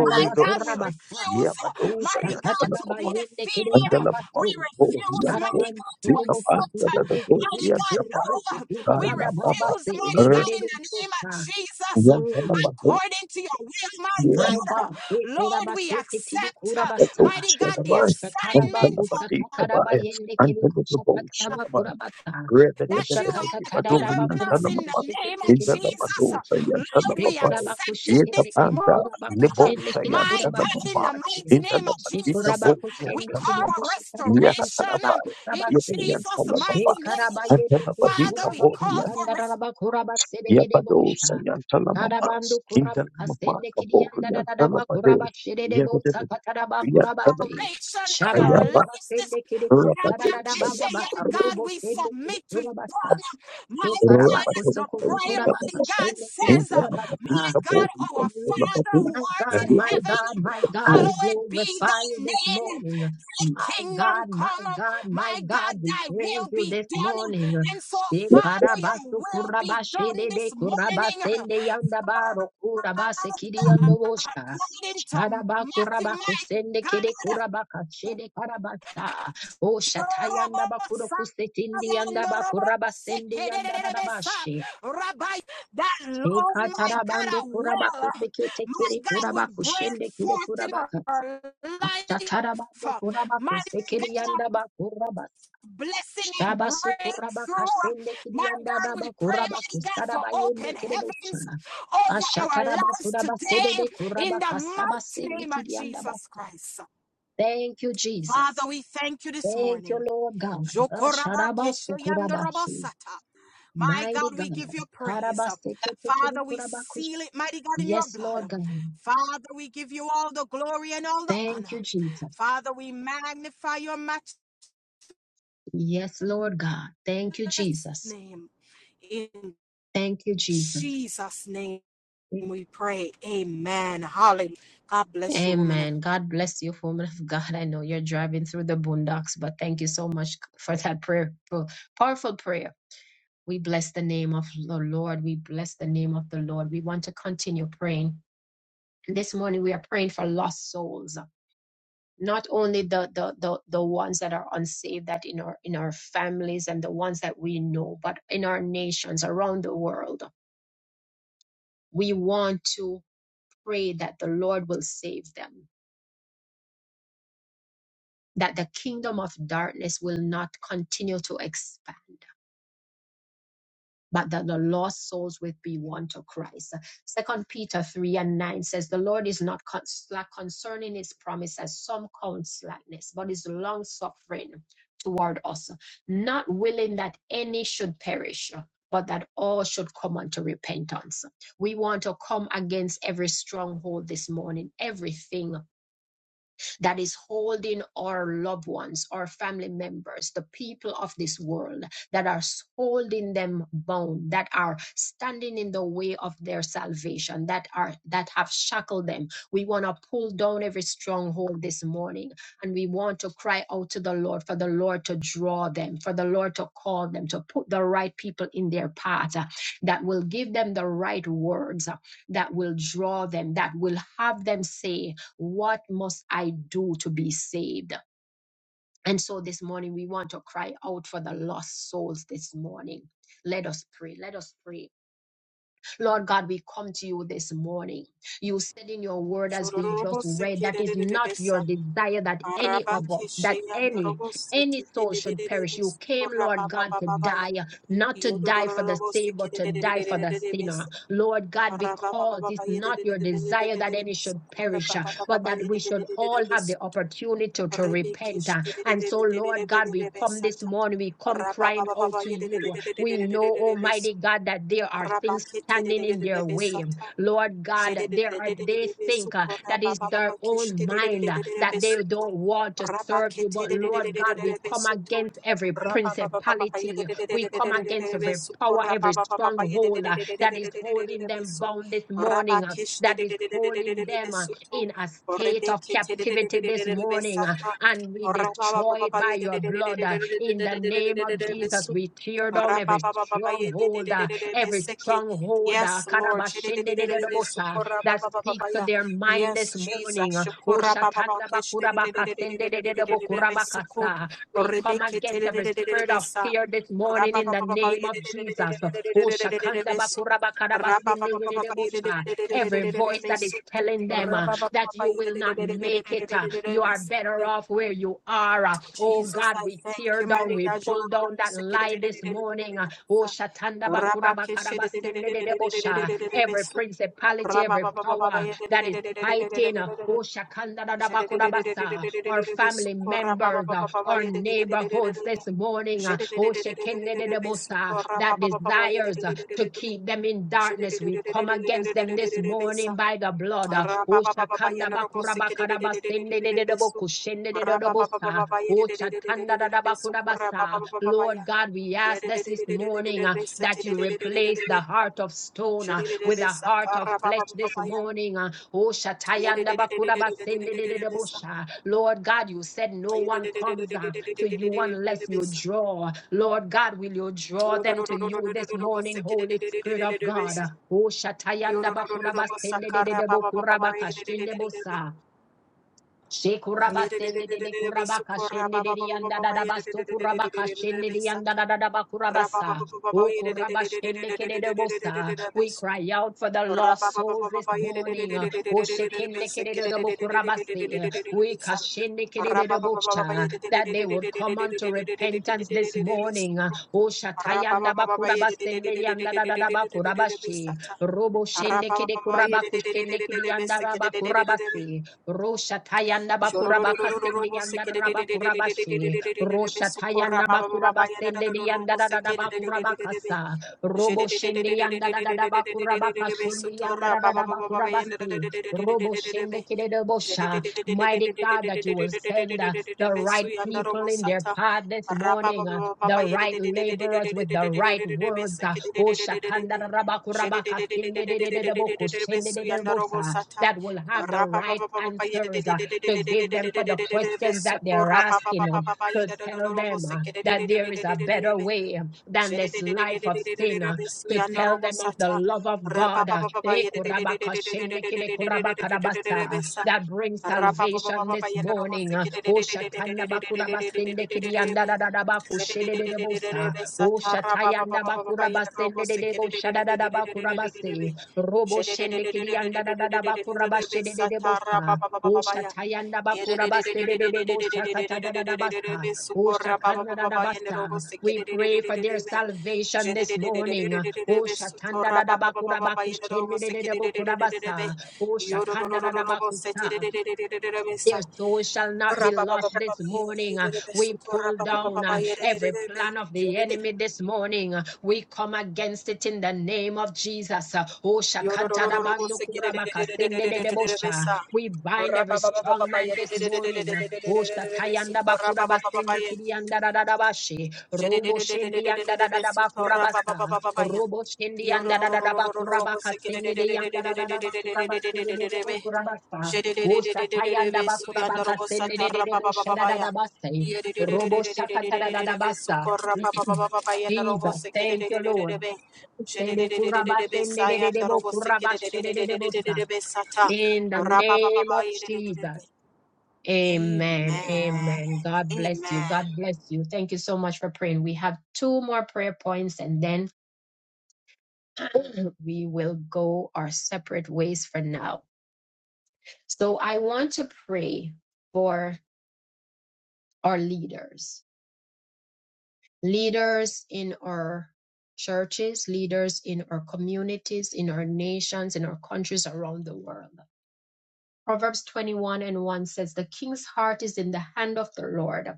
My God, we Ghost. kurabaka. refuse, uh, U Yabadosa mighty God, to shakataraba Yantanamama. be yende kiri defeated. Antalamama. We karabatsu. refuse, Oriente. mighty Sharaban God, to kurubo kuku accept, Likapanta uh, da da kuku do. kuku mighty kuku God, no. kuku Yantapai. kuku We baba Kaya baba Baba. refuse, se de mighty de R. God, de in de the name of kusha. Jesus, Yantanabado. according to your will, my My God. God, Lord, we ekurabase kitidi accept, uh, kurabasa, Yantato. mighty God, the Shadabai. rosha taraba assignment, kusa Antanabati tataraba Kabai. yende kiri kusha tataraba Antanababo. kurabasa, Iya, that usha you kata have given taraba us kuraba in the name kushikete of kiri kuraba. Jesus. Lord, we Shekuraba accept it this kushikete kiri morning. kuraba kushende kiri My kuraba God, in the kusabase. mighty name of Jesus, Shekuraba we kushende call kiri a kusha tataraba kuraba restoration in kusabase. Jesus' mighty Shekaraba name. yende kiri Father, we kuraba call for restoration kusandaraba bosha. Arabando kuraba kasende kiriyanda da da da ba kuraba şerede bolsa katara ba kuraba şi. restoration in Şaba our kuraba lives. This sende kiri kuşara da da ba ba ba. Rabakeshayan God, Robo we sende kiri submit to you. kuraba sa. My E Let karaba God, as kusu the kutu prayer, kuraba my God kasende kiri says, uh, kuraba sa. my God, our Mm, Father who My art God, in my heaven, God, my God, we hallowed be glorify you thy this name. morning. Thy My kingdom God, my come, God, my my God, God, we thy praise will you be this done. morning. And so, Father, your Shekarabasu will be done kurabashedede this morning kurabasende yandabaro kurabase Father, kiriyandobosha. according to Matthew, my Shadabakurabakusende kede God. kurabakashede karabasa. O shatayanda bakuro kusetindi yanda bakurabasende yanda Rabbi, that Lord, my God, Ekatarabando I will, kurabaku uh, teke my tekere God, would kurabaku break shende kire forth in kurabaka. our life. Ashtatarabando uh, kurabaku My sekere God, yanda ba kurabas. of blessing and Shabasu kurabaka breakthrough. shende kiri My yanda da God, we ba pray, kurabaku mighty God, for saraba yende open kire heavens bochana. over our Ashataraba lives kuraba today sedede in the kurabaka saba mighty sende name of kiri yanda ba. Jesus Christ. Thank you, Father, Jesus. we thank you this Thank morning. you, Lord God. Jokoraba Asharabasu keshayanda kurabashi. robosata. My Mighty God, we give God. you praise. Karabas teke tekere Father, we kurabaku. seal it, mighty God, in your Yes, blood. Lord God. Father, we give you all the glory and all the Thank you, honor. Jesus. Father, we magnify your matchless Yes, Lord God. Thank you, Jesus. name. In Thank you, Jesus. Jesus' name we pray. Amen. God bless. Amen. God bless you, woman of God. I know you're driving through the boondocks, but thank you so much for that prayer, for- powerful prayer. We bless the name of the Lord. We bless the name of the Lord. We want to continue praying. This morning we are praying for lost souls, not only the the the, the ones that are unsaved, that in our in our families and the ones that we know, but in our nations around the world. we want to pray that the Lord will save them, that the kingdom of darkness will not continue to expand, but that the lost souls will be won to Christ. Second Peter 3 and 9 says, The Lord is not con- slack concerning his promise as some count slackness, but is long suffering toward us, not willing that any should perish. But that all should come unto repentance. We want to come against every stronghold this morning, everything that is holding our loved ones, our family members, the people of this world that are holding them bound, that are standing in the way of their salvation, that are that have shackled them. We want to pull down every stronghold this morning and we want to cry out to the Lord for the Lord to draw them, for the Lord to call them, to put the right people in their path uh, that will give them the right words, uh, that will draw them, that will have them say, what must I do to be saved? And so this morning, we want to cry out for the lost souls this morning. Let us pray. Let us pray. Lord God, we come to you this morning. You said in your word, as we just read, that is not you. your desire that any Araba of us, that kesheyan any, robo any siti de soul de de should de de perish. de You came, skora ba Lord ba God, ba to ba ba ya. die, not to die for the Yodorororobo saved, siki but de to de de de die de for de the de de sinner. bes. Lord God, Araba ba ba because ba ba it's ye de not de de your de de de de desire de de that de any bes. should Skora perish, ba uh, ba ba ba but ba that ye we de de should de de de de all have bes. the opportunity to, to Rebe repent. kesh uh, de de de and de so, de de Lord de de God, de we de bes come this sata. morning, we come Raba ba crying ba ba out ba to ye de de de you. de de de We de know, de de de bes. Almighty God, that there are Raba things kete de standing de de in de de their bes way. sata. Lord Rabba God, there are they think uh, that is their own mind uh, that they don't want to serve you. But Lord God, we come against every principality, we come against every power, every stronghold uh, that is holding them bound this morning, uh, that is holding them uh, in a state of captivity this morning. uh, and we destroy it by your blood. uh, In the name of Jesus, we tear down every stronghold, uh, every Ra-ba-ba-ba-ba-ba-ye-de-de-de-de-de-de-be-seke. stronghold uh, Yes, Lord. karabashendededobosa, that speaks to Shi-di-di-di-di-di-di-di-su-ko-ra-ba-ba-ba-ba-ba-ya. their mind Yes, this morning. uh, Jesus. oh, shatandabakurabakas- Shi-ko-ra-ba-ba-ba-ke-shi-di-di-di-di-di-di-di-di-di-di-di-be-su-ko. We come against every spirit of Rebeke-te-di-di-di-di-di-di-be-sa. fear this morning in the name of Jesus. Oh, Ra-ba-ba-ba-ba-ba-ye-de-de-de-de-de-de-de-de-de-de-de-de-de-de-de-be-su. shakandabakurabakarabasendedededebosha, Every voice that Ra-ba-ba-ba-ba-ba-ye-de-de-de-de-de-de-de-de-de-be-su. is telling them. uh, that you will not make it. uh, You are better Ra-ba-ba-ba-ba-ba-ye-de-de-de-de-de-de-de-de-de-de-de-be-su. off where you are. uh. Oh Jesus, God, I we thank tear you, down, mighty we God. pull down that Yorororoboseke- lie this morning. uh. Oh Shatanda Bakura Rabakeshe- Bakaraba Sende de Debosha. Every principality, every Rabababa power that is fighting, uh, oh Shakanda da Bakura Basa, our family members, uh, our neighbors our hearts this morning. uh, oh, shekinah de de bo That desires uh, to keep them in darkness. We come against them this morning by the blood. uh, Rabba oh, shakanda bakura bakara basende de de de bo kushende de de de bo oh, shakanda-da-da-bakura-basa. Lord God, we ask this this morning uh, that you replace the heart heart of stone, uh, with a heart of flesh this morning. uh, Oh, Shatayanda Bakura Basende de de Bosha. Lord God, you said no one comes uh, to you unless you draw. Lord God, will you draw them to you this morning, Holy Spirit of God? Oh, Shatayanda Bakura Basende de de Bokura Bakashende Bosa. Rabba Shekuraba sende de de kurabaka shende de de yanda da da baso kurabaka shende de yanda da da da bakurabasa. O kuraba shende kede de bosa. We cry out for the lost souls this morning. O shekende kede de de bokurabase. We kashende kede de de bocha. That they would come unto repentance this morning. O shatayanda bakurabasende yanda da da da bakurabashi. Robo shende kede kurabaku shende kede yanda da bakurabasi. Roshatayanda bakuraba kastendi yanda raba kurabashi. Roshatayanda bakuraba stendi yanda da Shororororororoboseke Robo shendi yanda da da yanda da Robo shende kide Mighty God, that you will send uh, the right people in their path this morning. uh, the right laborers with the right words. uh, oh, shakandarabakurabaka, sindididididabo, kushindidididibota, That will have the right answers uh, to give them for the questions that they're asking. um, To tell them uh, that there is a better Rabba way um, than this Sukora life of sin. uh, to tell them of the love of God baba uh, baba baba eh, kurabakashenekidekurabakadabasa, uh, that brings salvation this morning. uh, oh, shatanabakurabasendekidiyandadadadabakushedededebosa, oh, shatayandabakurabasendedededoshadadadabakurabase, roboshendekidiyandadadadabakurabashedededebosa, oh, shatayandabakurabasedededeboshakatadadadabasa, da da bakurabase. Robo shende kidianda da da da bakurabashede de debosa. O shatayanda bakurabasede de debo shakata da da da basa. O shakanda da da yendero bo basa. We pray for their sekere Rabba salvation this morning. Oh, Shakanda da da bakura bakushende de de de bakura basa. Oh, Shakanda da da bakusa their soul shall not be lost this morning. Uh, We pull down uh, every plan of the enemy this morning. Uh, We come against it in the name of Jesus. Uh, Oh, shakatarabandu kurabakasendededebosha. We bind every strong man this morning. Uh, Oh, shatayandabakurabasendekiriandadadadabashi. Father, Robo shendiandadadadabakurabasa. Robo shendiandadadadabakurabakasendedeyandadadadabakurabashedededebokurabasa. Bushatayanda bakura bakasende de de de bushadadadabasai. Robo shakatadadadabasa. <clears throat> Jesus, thank you, Lord. Shede kurabasende de de de bo kurabashede de de bosa. In the name of Jesus. Amen. Amen. God bless you. God bless you. Thank you so much for praying. We have two more prayer points and then <clears throat> we will go our separate ways for now. So I want to pray for are leaders, leaders in our churches, leaders in our communities, in our nations, in our countries around the world. Proverbs 21 and 1 says, The king's heart is in the hand of the Lord.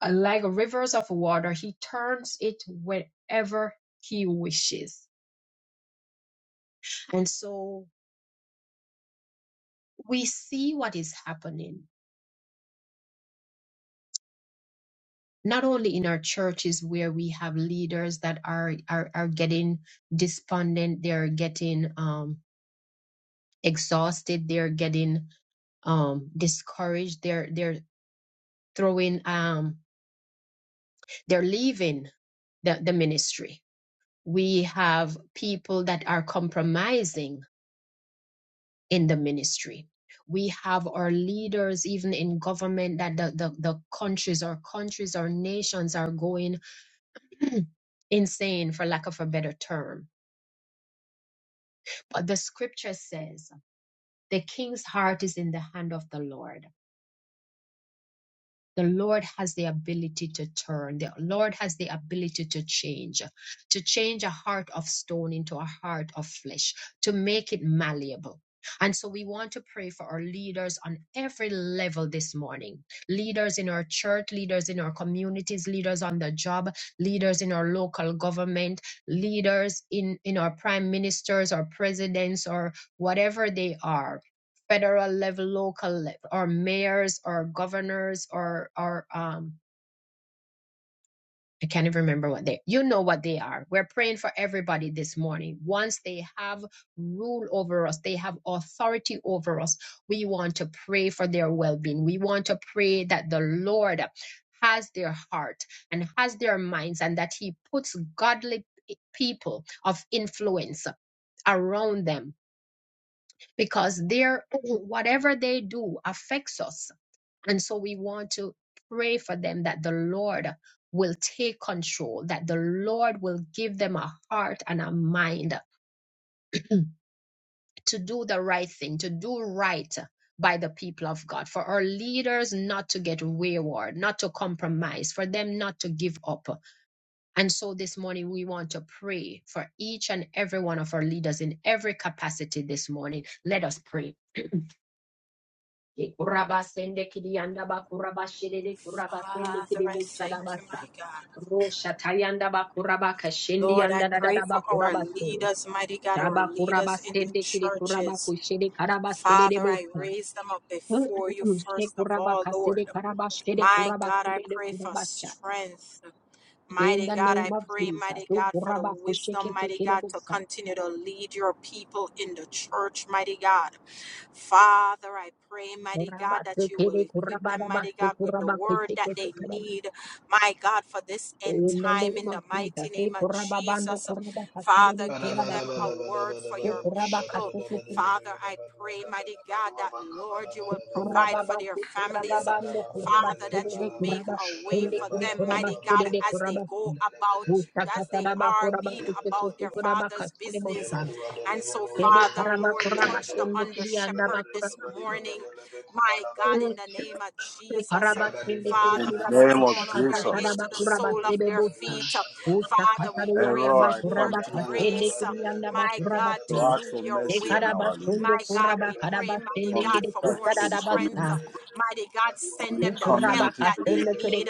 Uh, Like rivers of water, he turns it wherever he wishes. And so we see what is happening, not only in our churches where we have leaders that are, are, are getting despondent, they're getting um, exhausted they're getting um discouraged they're they're throwing um they're leaving the, the ministry we have people that are compromising in the ministry we have our leaders even in government that the, the, the countries or countries or nations are going <clears throat> insane for lack of a better term but the scripture says the king's heart is in the hand of the lord The Lord has the ability to turn. The Lord has the ability to change, to change a heart of stone into a heart of flesh, to make it malleable. And so we want to pray for our leaders on every level this morning leaders in our church, leaders in our communities, leaders on the job, leaders in our local government, leaders in, in our prime ministers or presidents or whatever they are federal level, local level, or mayors or governors or or um I can't even remember what they you know what they are. We're praying for everybody this morning. Once they have rule over us, they have authority over us. We want to pray for their well-being. We want to pray that the Lord has their heart and has their minds and that he puts godly people of influence around them because their <clears throat> whatever they do affects us And so we want to pray for them that the Lord will take control, that the Lord will give them a heart and a mind to do the right thing, to do right by the people of God, for our leaders not to get wayward, not to compromise, for them not to give up. And so this morning we want to pray for each and every one of our leaders in every capacity this morning. Let us pray. Kurabasende kidiyanda bakurabashirede kurabasende I thank you, my kidibuchadabasa. God. Rosha tayanda bakuraba kashendi Lord, I yanda da da pray da for our bakurabasu. leaders, mighty God, our Shaba leaders in the kurabasende kidi churches. kurabakushede karabasede Father, I bota. raise them up before you She first of all, Lord. kurabakasede karabashede My God, I kurabasede pray for kurabasha. strength. In Mighty the God, name I of pray, Jesus, mighty O God, for the kuraba kushike wisdom, mighty tekele God, to bosa. continue to lead your people in the church, mighty God. Father, I pray, mighty Kuraba God, that you will tekele equip kuraba them, da mighty basu God, with the kuraba word that they need, my God, for this end In the time name in of the Jesus, mighty ni name of kuraba bando Jesus. kuraba Father, kasilele Yabba give kuraba them sa, a word for ni your kuraba people. kasilele Father, I pray, mighty God, that Lord, you will kuraba provide for their basi kuraba families. bando kuraba Father, that you silele make kuraba a way silele for kile them, kuraba mighty God, silele as they kuraba sa. go about, Musa as they kataraba are kuraba being about kusilele their kuraba Father's kasilele business. musa. And so, Ele Father, karaba Lord, kuraba touch the silele under kili andaba shepherd this kuraba si. morning, my God, in Ele the name of Jesus. karaba Yabade silele Baba kili In Father, the from kuraba the name Darabako of kusa crown of their head Shadabaria Jesus, to the kuraba sole Mandelebru of silele their Kabadua feet. musa. Shandadaba Musa Father, we pray Kabatoraba Error, for kataraba I come more kuraba to you Yabana to kasilele Baba grace, kili andaba Delebru my God, si. to Kabadaba do ask for your Delebo mercy on will. our Kabadaba Ekarabasundo My leaders, God, kuraba we Yabada pray, Baba mighty karabasende from the God, kede for church more to the kusarabasa. community, strength. Mighty God, from send the them the help community that to they the Kurabakasele kede need.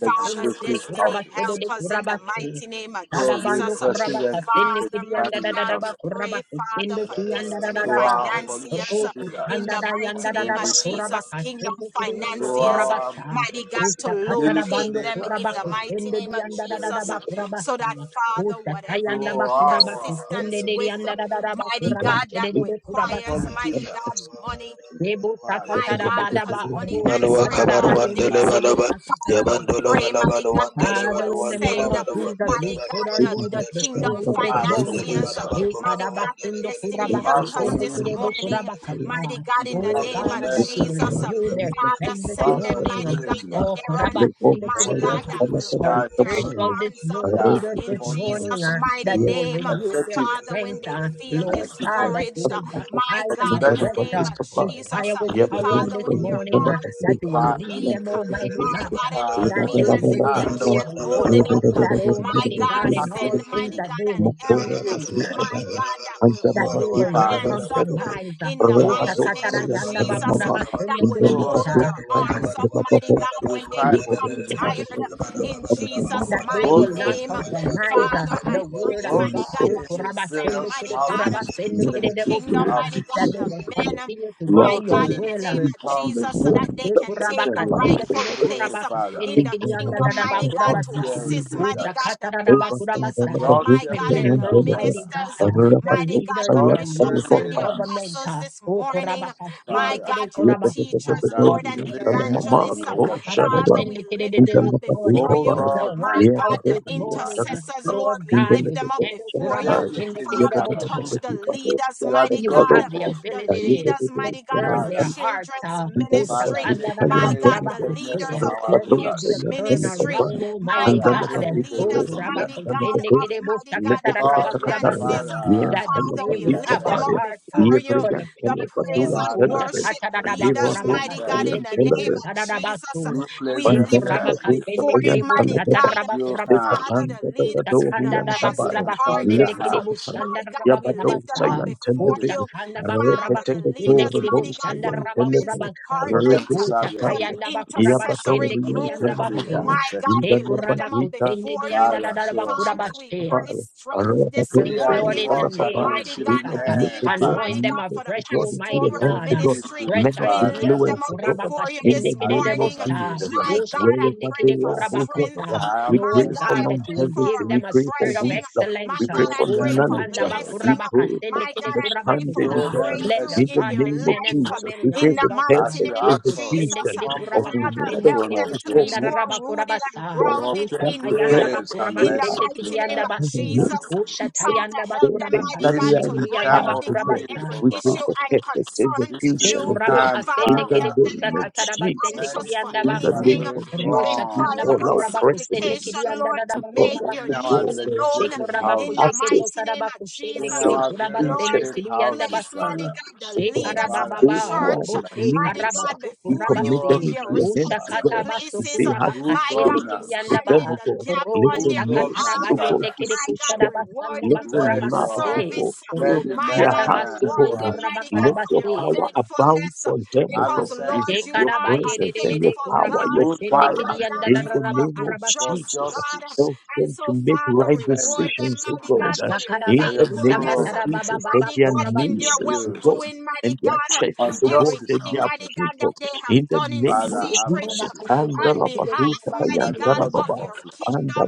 Father, kede legislative destiny, kurabasele houses, help de us in the kurabase. mighty name of Dada to the bando Jesus. daraba Yabba presidency, to kurabakasele the Father, kede yanda prime mighty da da God, da ministers, ba we pray, Father, kurabakasele for kede yanda da destiny da da to ba. our political financiers Roku in sanda the leaders da of yanda mighty da name da of every ba state, Jesus, kingdom kurabakasele kede yanda to financiers, our kurabasa. mighty God, to Usa kata da military locate bando leaders them in the of mighty kurabakasele de name of yanda da da da Jesus, every ba state, so kurabasa. that, Father, Usa Yabandolo whatever to kayanda they ba need our assistance kurabakasele de wabayandu with, yanda da da da wandelebe mighty God, that de requires, kurabasa. mighty God, politicians, money. Nebu Father, My sakatara God, badaba because money aru Balua answereth sakatara Kabar ba all one yende Father, Rebu delevalaba, things sakatara ba. Yabandolo pray, mighty Balabalo God, one that you Father, delevalo will in one the we name send, come of uh, delevalo to you one Jesus, we mighty put God, our delevalo the, one the leaders deleva, kingdom before you to this ask for morning. financiers, uh, wisdom. Yabandelevalaba Eh, Kobala mighty one God, the kadabasundo destiny To kurabako, help ask for us delevele, this wisdom, sendekerebo morning, mighty kurabakasa. God, to in the Oh ask for Mandeleva name of God, that you mercy, never will Jesus. uh, covered renew ever their Father, strength this to send ask them, for morning. covered, mighty grace, God, the Oh, Father, errand, all the my for Yabandele them silence God, kurabasendekerebosa. to that come up will our with discharge hold their command spiritual the one this arms up mo- uh, their leaders in this fire. morning, Jesus' functions ah, mighty that deliver. you will name. renew their effectively Father, when strength. they ah. feel and Come Lord on, God, efficiently that you discouraged, uh, will Thank my for baptize the them God, in the afresh name benefit ah, of with Jesus, fire, uh, with of the power on Father, people. this when their morning, ah, arms that you become will Father, lead them, weak, Almighty my God God, and they Father, that they feel the as if will, that they heart, they can't will the hold it go, up. that My Almighty God, God heart in of all the send things mighty King that they God an will seek Aaron, is you, in <clears throat> your my God, that will that hold they their will not Father. hands up uh, compromise. in the Show us mighty name mercy. of Jesus, uh, that will Show us hold mercy. Utakatarayandabakurabasendekidebusha, their arms up, mighty God, We when they cry for good become leadership, tired uh, in Jesus' That they both mighty will in not the name. church, compromise uh, Father, the I word pray, of both mighty you. God. God, in that you the send, various mighty Yeah, God, uh, houses, to the legislative kingdom, Ikurabasendekidekurabasendekidebusa, mighty God, That houses. they will the men continue to do Go my for your God, you. to in the will. uh, name state Every of time they houses, Jesus, so Father. that they can put take your the Kurabaka, lives We in rightful Sendekere the pray, place uh, Kurabako, Father, in things the Sendekiri that the kingdom, West is Andadaba for mighty saying, God God, oh, to what Kurabasa, do fearing you assist, mean? mighty God, leaders. the They Usakataraba were saying pastors, they uh, never Kurabasa. God do my to play God, fearing and on Remember, leaders, the the other day. Father. Almighty ministers, uh, I God, heard about the mighty it, God, so leaders the you in God have our to bishops fearing local and the come government, leaders, apostles uh, this O morning, Kurabaka, my Father, Sendekere God, Yeah, your Kurabasa, teachers, that of Lord, and we the federal glean from evangelists. uh, your government, uh, word of wisdom. Kuraba Father, we Sendekere lift them this up before morning, Oh you, the Lord, my my White House God, God, my this the morning, Father. uh, intercessors, Lord, Lord we God, lift you them up said, Is before Kuraba you. there anything you Sendekere Father, cannot do? touch the leaders, You are the mighty you God God have of the all the flesh. ability leaders, to mighty God, of turn the Father, their hearts. children's uh, and then the Father, bus ministry, took the take tire my and away then God, the wickedness leaders Utakandarabakurabakuse. from the of the our Let there patrols youth be a rulers. and then turn the ministry, fire around, my and Almighty Father, then God, God. the take the patrol it the away leaders, from body them. and mighty then the God patrol of mighty God, Liko the to Call them, Patakataya, Ukurabakusenekerebotakatarabakurabasa, finances. Father, Yen That the Tono Father, they to we would Patita lift have yourself a them up Baria, heart uh, before Yebri you, for the and the Tono praise Patu people. and and Father, celebrate. worship A you day or place leaders, two, them mighty there. God, in Yan the Tono, name of Jesus. Utakatarabakurabakasenekerebotararabasu. You place We and them then lift the there. them up Patu, before you, Sakayan mighty God. You can. Dekurabakasenekerebotatarabakurabasi. Father, Likapanda the leaders for Dabadori the and men's You Dabai, can turn their department, hearts Likapokai, my God, we lift Yabadosa them up Utakandarabakurabakasenekerebosandarabasa. and before to, Telebe, you. to Utakanda Father, bakurabaku the your leaders, Reketekoro indekiri people, mighty Bosa God, bushanda for the and women's Telebe, rabakurabasa. for them department, to uh, serve your for Reketekai, people Utakayanda the bakurabashende intercessory Yabadori kiri and group. yanda uh, efficiently and Telamama, baku. My effectively. God, we lift them up Tekurabaku Indanabadika sende before yanda you. da Father, da show us Father, mercy. we bakurabashe. pray Father. strength this We Praise are Lord the in morning. the ones at the name of Mighty We God, receiving Jesus. the uh, commit end, to leaders, God, Father. mighty Anoint them God, for leaders the to afresh, God, into Almighty your pastoral Your hands God. to uh, God, ministry. people, Fresh men of We Father, ideas. lift oh, them influence to up God, kurabaka before you in this shende the are kede the name of ones morning. at the debota, Jesus, uh, receiving My oh, end. God, I wherever shekende pray kede they for are, oh God, strength. uh, kurabakata. Have we My pray Lord God, for mercy God, I on that you us. pray will for longevity, a give them we a pray for spirit of refreshing. wisdom, My excellence. we uh, pray God, Show I for oh, pray them for knowledge, shakanda uh, mercy. ba Lord. we blessing. kurabaka pray for shende My God, kede I pray for a understanding, Show kurabakata. oh God, uh, them Let breakthrough the in the in mercy. their godly name of men and life uh, Jesus, women we pray in rise the for up. uh, As mighty perfect you name of eko ask us shende to Jesus. Uh, execution kede come of boldly kurabaka to Father, the shende whatever, help throne kede of them oh to God, grace be boshanda let more raraba us rooted and kurabasa, God, to oh, grounded obtain that's in the shatayanda you ba grace and in the God. mercy kurabasende kede mighty to name yanda of In the base. Jesus. name help. of Uh, Jesus, Father, Ushatayanda help the bakura them, things mighty that This God, we bakasende are to is the in kiriyanda bring, time charge of mighty of bakura God, God, need, basa. O every we pray Lord. issue for and perfect concern This to is execution the of you. God. time, Shekurabakasende Father, In Father. the kiri help them name of not to be Jesus, kushakatarabasende uh, Many kiri anxious for in things the are andabakuru. anything, name uh, going of Jesus, but in Rosha we wrong prayer in call and our out church, tandabakurabakusende kiri precedence. supplication, uh, Lord, to We call make out their in to andadadabakurabakishu. our God, needs uh, known legislative in houses, the Shekurabakushekete pastors, mighty name of Jesus. karabakushende in uh, kiri apostles, our various kurabasende Lord, teachers, state we kiri houses, place, andabasu. mighty Father. God, oh the God. leaders of Father, the Those show Shekarabababa who us are church, robo in mercy. need, O mighty God, God, shekarabasu we before you commit Show them in kurabase. us into their your mercy, hands, Father. respective oh God. Ushakatabasu We places. say, have Good My kurabakasende faith God, we kiri governance. with andaba. stand them, in O the God. gap Let Robo on Good your their mercy, governance, oh behalf. God, sakatarabayende Father. kiri My beseech God, them. reward Let kushadabasandaba them your for Let their love, kurabakase. oh your God, service. fill let the Robo My their God, hearts, O man shatabasundo who reward God. Uh, are them, in mighty God, Let charge, for your their our kurabakarabase. power leader. abound faithfulness. for them, O Have Because, a God. Eh, sense Lord, for you good Your are a presence governance, and Yekarabayedede your faithful power, God. kurabaka your good fire, My governance, sendekidiyanda God, Father, you in the dararaba name are a of for kurabase. just Jesus. Uh, God. justice, Help And them to so, make Father, for right reward fairness, them, decisions, O mighty God. God, Uh, for their Ashakaraba in for your the name of faithfulness throne kusakatarababa Jesus for baba mighty their God, in is kurabase. their well nations, built O doing, mighty and their God. churches, on oh God, justice and and Everything, their righteousness. mighty God, people. that they have In the done in name of Father, have secret Jesus, mercy. Kurabaka on seketekede behalf, kurabaka You are mighty the God, God silebusi. of of Andalabadukabayantalababa, all your flesh. kingdom.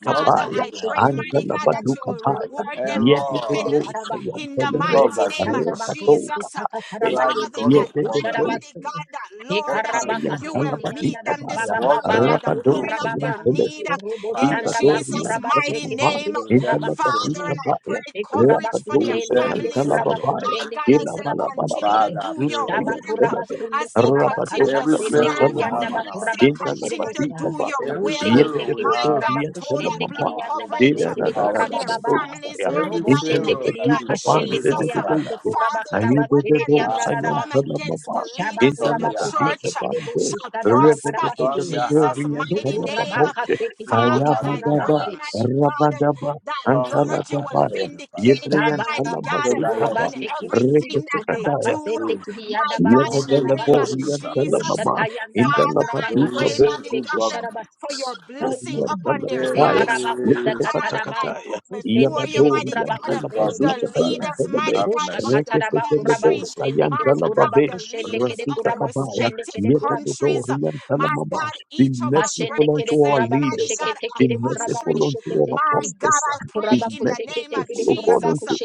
Nothing Father, Raba is I too kuse hard pray, kete for you. kete mighty God, that kuraba you will kuse de Antalabadukabaya, kete reward them kuraba kase Error, de openly karaba. in the the God Yedidosayantelebe, mighty Robo that name sees of shanda us. ba kuru Jesus. kusaka You karaba are the yende Father, God kere of I wonder. pray, kushara Rekatokabaya, mighty basu. God, that E What Lord, can't karaba you Sayan do? you will kasendi meet yanda Sayantalabadika da them ba this Baya, ba ba What ba morning can't ba at the you su Rabado, do, point of kuraba ba. sayan their need Sayantelebe, Robo in Father? shanda Adibado, ba Jesus' kuraba se mighty kete Yantalabama, name. kere You dealt kuraba with Pharaoh. Father, Intalabadika kasi. I Baya, pray E kuraba coverage for Rabado, their You kusende dealt sayan kere with families. kuraba Pharaoh. Sayantalababaya, My kusende God, kere as they kuraba continue to Ilabalabalabala, kuse. Father, do your Pharaoh was Shaba the work, leader. kuraba Zutayantelebe, sundu as they kuraba continue Rabado, karaba to Every sende sayan Pharaoh kere serve, we yanda have ba in Sayantalamama, as our kuraba they church, kushere continue to Intalabadika bosa. do Baya, your every will, Ushikite Pharaoh we kiri my Yebedebedo, have kuraba God, total kushende in blood kiri Yantalamama, our yanda coverage base legislative kiri for karaba their houses, baba. families, Idadadadadadadosaya, mighty every Robo God, in the shende Pharaoh kiri that name is of yaka Intalabadika shende governing kiri us, Jesus. Father, yabaso Bandededose, kuraba Father, no karaba kiri weapon Ayededo, that yanda is Father, formed rabasa. against Sayantalamama, the Shaba leaders in turn the kuraba their hearts, Indalabadita kuseke church kiri bando. busu shall sadaba prosper in turn karabase. their hearts Jesus' to Repetepetepeterian mighty you. Tukuraba name. talababoche. kase Do kiti not kiri Father, I harden their Kayabadaba. pray, kurabase. hearts. mighty God Rabadaba. that Turn their Lord, you will hearts to Antalababaya. you, Father, vindicate them, Yebrian Shaba mighty raba so God, that your tukuraba talamazinkaba. in people shekiti kiri everything that they kuraba Reketekataya. do. kasende will kiri My yanda God, baro in the see name of kurabase. justice Yebedeleborian after. Jesus, talamama. Ushata yanda Father, bakuraba They I Indalabadita will pray, kasende bo, see mighty kiri good God, for your governance. blessing upon their They Yantalabaya, lives. Kuraba will see Father, I Lipotokatakataya, put before kushekete you, kiri Yabadom mighty kuraba God, good governance, the Yantalabazuta Father. leaders, Kayantelebe, mighty Have God, of mercy. the Rekefetelebo, country, my God, Sayantalababe, the leaders of Rakita the Kabaya, respective countries, Yetetori my Yantalamaba. God, Be each of us merciful unto our represent, mighty leaders, God, a be country, merciful unto our my God, pastors, I be pray in the name kushekete of merciful, kiri O God, Jesus unto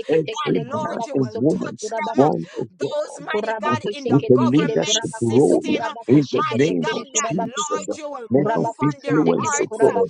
that, every man Lord, kuraba you and will kusokoto woman touch them. born of God. Those, mighty Kuraba God, in the With a kushekete kere government leadership kuraba kuso role system, kuraba in the kushekete mighty name of kere God, that, kuraba kuso. Jesus. Lord, you will Let of Kuraba move on their kushele influence, kere of hearts, kuraba God.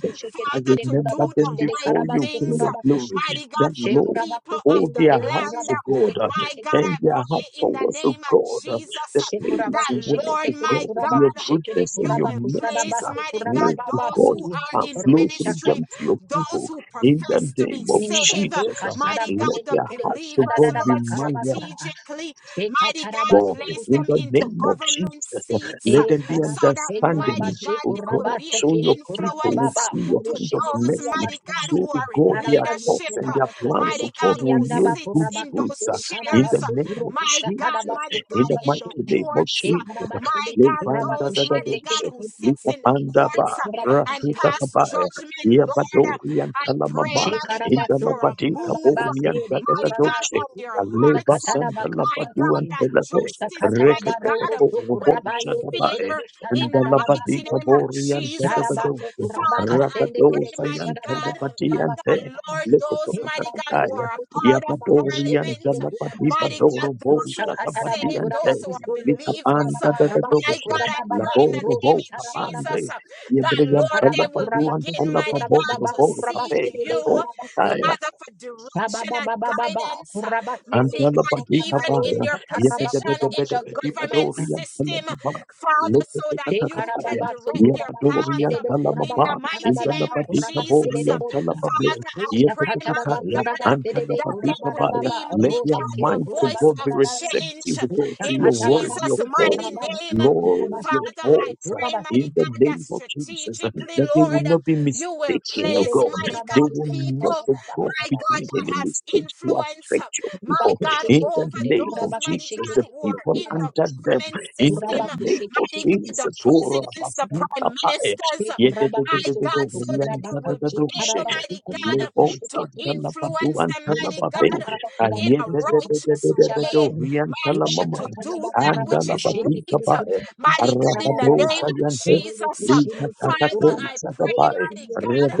I kushekete Father, kere to remember kuraba do them the kushele right before karaba you, so King things, of kuraba kush. Glory. mighty That God, for She the Lord, kuraba people of hold the kushele their kere hearts, land. kuraba to God, uh, kushekete My kere God, and I kuraba. their hearts pray in the towards of name of God. uh, Jesus The She kuraba place that, where, Lord, kushekete to kere my God, kuraba your God, kushekete goodness you and your kuraba will kusada mercies place, are, baso mighty God, kuraba oh baba those who God, pu. are and in Ru flow through ministry, shakata. them to your those people. who In the profess to be name of saved. Jesus, Jesus, uh, Ekashara Mighty let God, the Yende their Kerebo hearts, to believers, God, Shadada be Lord, Bakarabasa, malleable strategically, mighty God, place in them the into name of government Jesus. seats E uh, Let them be so karabate that, mighty understanding, karabashi God, oh they will God. be kurabate an Show kidi your people will influence kurababa uh, see your to hand of kurushedi those, mercy. mighty kidiyabasa God, who Show, oh are in God, their karabayo leadership, thoughts and uh, their kurabata plans, sede mighty oh God, God, will who kidiyandaba yield good sits in kurabako fruits those uh, sede in chairs, the uh, karabasu name of my kurukusa God, Jesus, karabasu mighty in God, the in mighty kurabashi the name of courts, she uh, Jesus. karabate my de God, kurabako those, Levanda da da shende mighty kede God, doce, who sits kurabaku lita in the sekete panda ba, kede courts uh, kurabako and rasuta pass kabaya, judgment, Lord, uh, yabadori and I pray, talamama, mighty in the for Shekarabatsondo a labadika move, bori kurababase and da de da da mighty God, kurabase doce, on their kuyo aleva hearts. santa My labadu God, kusakatarabakabase. and that telebe, justice, Rekete mighty Ushakatarabarobo God, will be sokurabaye de kere fair in the mighty name bushatadadadabarobosa. of Jesus. Sharabando Father, I kurabakasende kere pray, mighty God, kushadadadaba that kurabakasa. Lord, those mighty God who are a Shekarabakusukutu part of kurabakushende parliament, kere kurabase. mighty God, those who are saved, those who are Ushakatarabakurabakustulu believers, my God, I pray in the name of kurabarabarabakukurabababa. Jesus that Lord, Kuraba they will kuraba kusu begin, mighty kuraba God, baba to kuraba seek shiride you. karaba se. Father, for Shaba direction and baba baba ba guidance. uh, kuraba sende Mighty Antala God, kiriyanda Badika even baro in Baya, their sataraba position kuraba in the shiride de government bosta. Yepedepedepedipadoria system, Salamaba, Father, so that De you karaba can Lepetakataya, ba direct their sukuraba path Yapadoria kashiride uh, de kuraba in the Salamaba, kasarada da mighty da Intala name ba of Badika kuraba Jesus. shiride de Boria Uh, bosta. Salabable, Father, I Usha pray, katara mighty ba Yepetakataya, kuraba God, uh, sede Antala de that they Badika kuraba da will Baya. be, baba Let mighty your roshe God, kiri the mind to kuraba voice God of be sarada da. da change receptive, uh, O God, Usha to in your katara ba word, your Jesus' call. mighty kuraba ba name. Uh, Lord, kuraba your Father, shiride de I voice uh, pray, kuraba sa. mighty in the God, that name of Jesus, uh, strategically, that they will Lord, uh, not be you will mistaken, oh Shiride place, de God. mighty kuraba They God, will people not, kusakatata oh ba God, my be God, kuraba doing that any has mistakes to influence, affect your my people. God, In the over Bakuseketekele, name those, of mighty Jesus, the God, who kurabakuseketekele, are people in the under kurabakusi- them, government in the system, name of mighty kurabakuseketekele, God, the Jesus, oh, kuseketekele, presidents, the Rabasita prime Pai. kurabakusi- ministers, my God, kurabakusokoto, so that they will kurabakache, be Yededededededoriantadadadoshe. able, karabaku- mighty God, to kurabakusheketele, musa. influence them, mighty Mushakata, Lebosantalabaduantalababe. God, raba, in a kurabakutse, righteous way, kurabakuchabatse. my God, to Ayededededededededoriantalamama. Mushakata, do raba, that which is Andalabati kurabakushenekele, right, Kabai, kurabakusi, mighty God, in the Arabado kurabaraba. name of Sayante, Jesus. Robo Lika kushenekele, Father, Takato I pray, Sadabai, mighty kurabakasendekele, God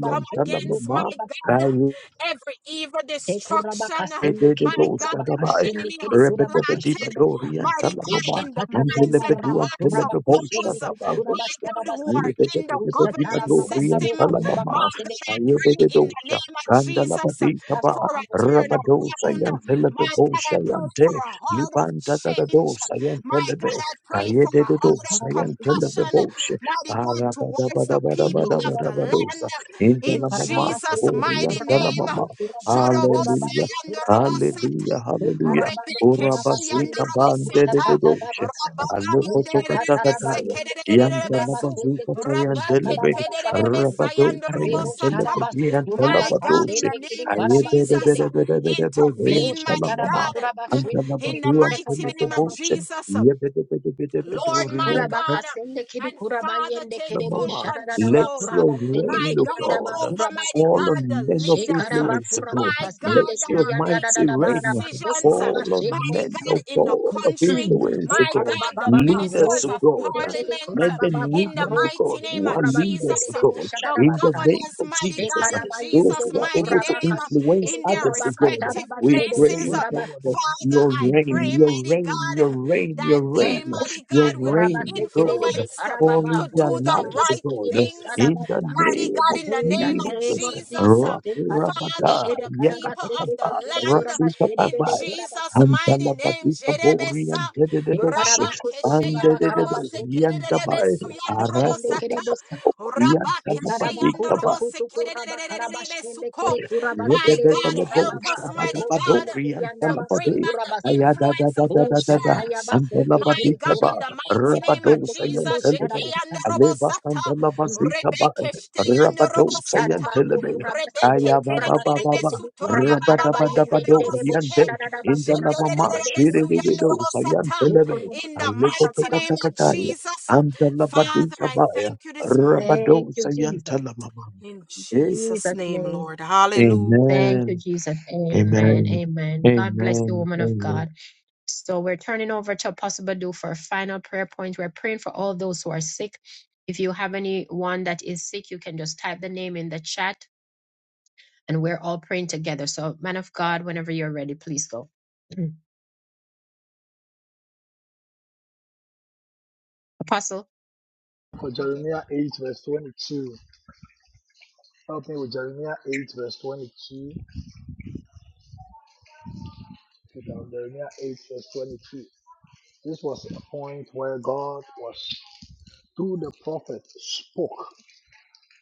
come against, Talamama, my kurokurabakuse. God, um, every evil Kuraba destruction, um, kasende my kede God, kuraba that Rebededoshadabai, the kasende enemy kede has kuraba planted kashende botara. Rebedebedibadorian mighty God, Usha Talamama, in the kataria minds na and the raba Antelebedua hearts of kuraba those, kushende kede Teleboshadabai, kuraba my God, saraba who are sana. in the Usha tara government baba Rebedebedibadorian baro system. kuraba Talamama, My kasende God, I kede. pray in the Ayebedosha, name of Jesus Nasha for Kandalabadikaba, a kama kede turnaround. Rabadosa My God, I Yantelebosha pray for Yante, a heart of Libanta change. Dadadosa My God, Yantelebe, I pray for a kede heart of Kayededosa karaba kede compassion. Yantelebosha, Mighty God, towards the people nere of ba the kede. Arabadabadabadabadabadosa, land. E In Intalamama, karaba Jesus' kede Aborian mighty kuraba name. Talamama, baro kuraba baro kuraba Hallelujah. kuraba Hallelujah, hallelujah. Ekarabando Rebeke kuraba shianda sende Urabazika kede bande de de kushata robosata. tadaba doshe. sen. Rababa Usha Alekotoka yanderebe kataraba takataya. yende kede kuraba sende Yantalabazika kede kushata Rabake tayandelebe. tadaba baba sen. sayanda Rabadoka Rebo robosata. yantelebe sharaba su kuraba My God, in yantelabadoshe. the sashende name kede of karaba Ayebe de sende de Jesus, de. de uh, de de de de boze intervene, Rusha mighty taraba yantelamama. God. kuraba <clears throat> shende kede In the Antelabadu kushata mighty antelebe name of tadaba boshe. sen. Jesus, Yebe de de de de de Lord, my Kuraba de God, uh, kasende kede and kuraba Father, yende take the kede bu full Baba. Let shararaba control, uh, kuraba your sende my rain, kede O God, yandaba God, over kuraba mighty fall sen. God, on the men of leaders, uh, Shekaraba influence, O kuraba God. my Let God, kasende that kede your are yandaba mighty making rain kuraba so decisions, uh, kuraba fall on sende mighty men, bosa. God, O in the God, of <clears throat> country, influence, O my God. God, the Shekarabababa, Leaders, ministers O robo of God. seketede parliament, Men uh, and kurababa, in the ro women, O mighty God, sekiri name who of are leaders, Jesus, O uh, kurabasebedebo God, the in the shadadabasa. name governors, of mighty Jesus, God, in those Jesus' who Shekarabayedede are mighty able to kurabaka name, uh, influence sekede in their others, O kurabaka God, respective we sadabasebede pray, places. O uh, kurabasa. God, Father, your I reign, pray, your mighty reign, your God reign, your that reign, they, mighty your God, will be reign, O God Shekurabasekedede influenced uh, karababa, to transforming their ro do the lives, O sekete right God, kidebu things. uh, in the sadabasa. Mighty name God, of in the In the name of name Jesus. of Jesus, Jesus, uh, Father, Rakirabada, Shekarabakushe for de the people of karabasekete the Yakatakaba, kide land, in kurabashedebede Rasukatabai, kurabasa. Jesus' mighty name, Antalabadika Bori and Jerebesa, Thank Dededosh, and Rabakesheyandorobose, Dededori and Dabai, Kerererebesuyandorobosata, Arasukata. Orian Rabakesheyandorobose, Kerererererebesuko. My God, help us, mighty God to bring back the influence of the church. My God, in the mighty name of Jesus, Shekeya Norobo Sata, Rebeke Steya Norobo Sata, Rebeke Terebe Sutora Baba Baba Norobo Seke, Jedede Suya Norobo Sata, in the mighty name of Jesus. Father, I thank you this Rabado morning. you, Jesus. Sayantalamama. In Jesus' Jesus' name, name. Lord. Hallelujah. Thank Amen. you, Jesus. Amen. Amen. Amen. God bless you, Amen. woman of Amen. God. So we're turning over to Apostle Badu for a final prayer point. We're praying for all those who are sick. If you have anyone that is sick, you can just type the name in the chat and we're all praying together. So, man of God, whenever you're ready, please go. <clears throat> Apostle. for Okay. Jeremiah 8, verse 22. Help me with Jeremiah 8, verse 22. Check Jeremiah 8, verse 22. This was a point where God was through the prophet spoke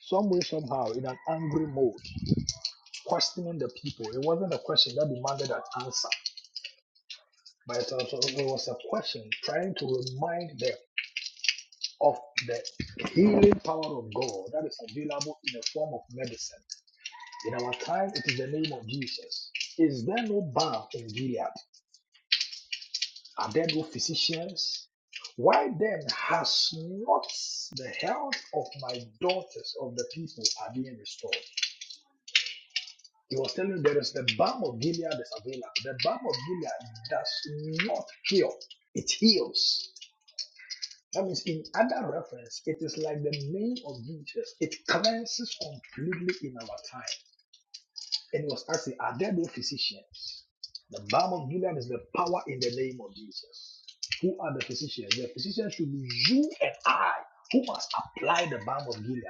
some way somehow in an angry mode questioning the people it wasn't a question that demanded an answer but it was, a question trying to remind them of the healing power of god that is available in the form of medicine in our time it is the name of jesus is there no balm in gilead are there no physicians why then has not the health of my daughters of the people are being restored He was telling there is the balm of Gilead is available. The balm of Gilead does not cure, it heals. That means, in other reference, it is like the name of Jesus. It cleanses completely in our time. And he was asking, Are there no physicians? The balm of Gilead is the power in the name of Jesus. Who are the physicians? The physicians should be you and I who must apply the balm of Gilead.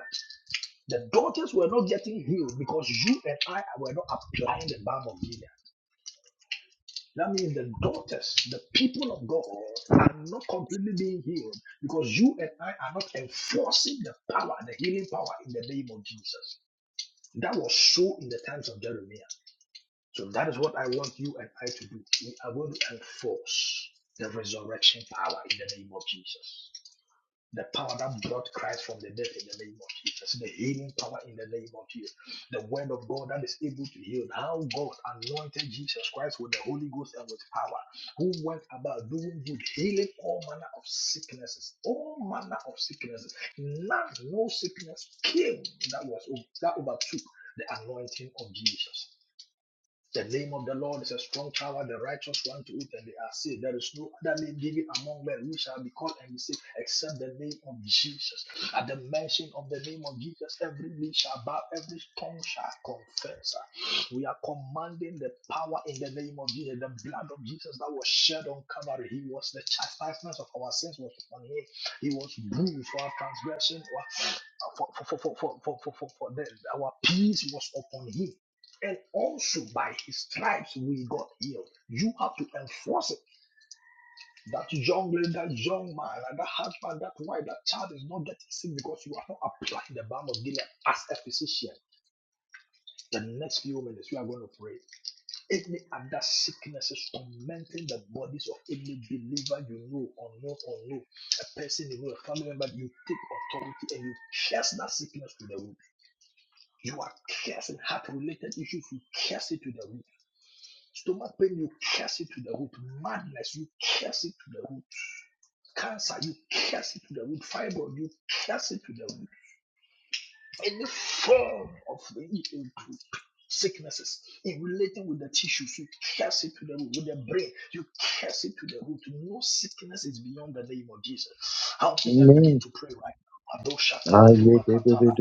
The daughters were not getting healed because you and I were not applying the balm of Gilead. That means the daughters, the people of God, are not completely being healed because you and I are not enforcing the power, the healing power in the name of Jesus. That was so in the times of Jeremiah. So that is what I want you and I to do. We are going to enforce the resurrection power in the name of Jesus. The power that brought Christ from the dead in the name of Jesus. The healing power in the name of Jesus. The word of God that is able to heal. How God anointed Jesus Christ with the Holy Ghost and with power. Who went about doing good, healing all manner of sicknesses. All manner of sicknesses. None, no sickness came that was that overtook the anointing of Jesus. The name of the Lord is a strong tower, the righteous run to it, and they are saved. There is no other name given among men which shall be called and be saved except the name of Jesus. At the mention of the name of Jesus, every knee shall bow, every tongue shall confess. We are commanding the power in the name of Jesus, the blood of Jesus that was shed on Calvary. He was the chastisement of our sins was upon him. He was bruised for our transgression, for, for, for, for, for, for, for, for, for for the, our peace was upon him and also by his stripes we got healed. You have to enforce it. That young lady, that young man, and that husband, that wife, that child is not getting sick because you are not applying the balm of Gilead as a physician. The next few minutes we are going to pray. Any other sicknesses tormenting the bodies of any believer you know or know or know, a person you know, a family member, you take authority and you curse that sickness to the root. You are cursing heart related issues, you curse it to the root Stomach pain, you curse it to the root. Madness, you curse it to the root. Cancer, you curse it to the root. Fibroid, you curse it to the root any form of in- in- sicknesses in relating with the tissues, you curse it to the root. With the brain, you curse it to the root. No sickness is beyond the name of Jesus. Help me and begin Amen. to pray right now. Adosha Aye, kabaduma do, katala.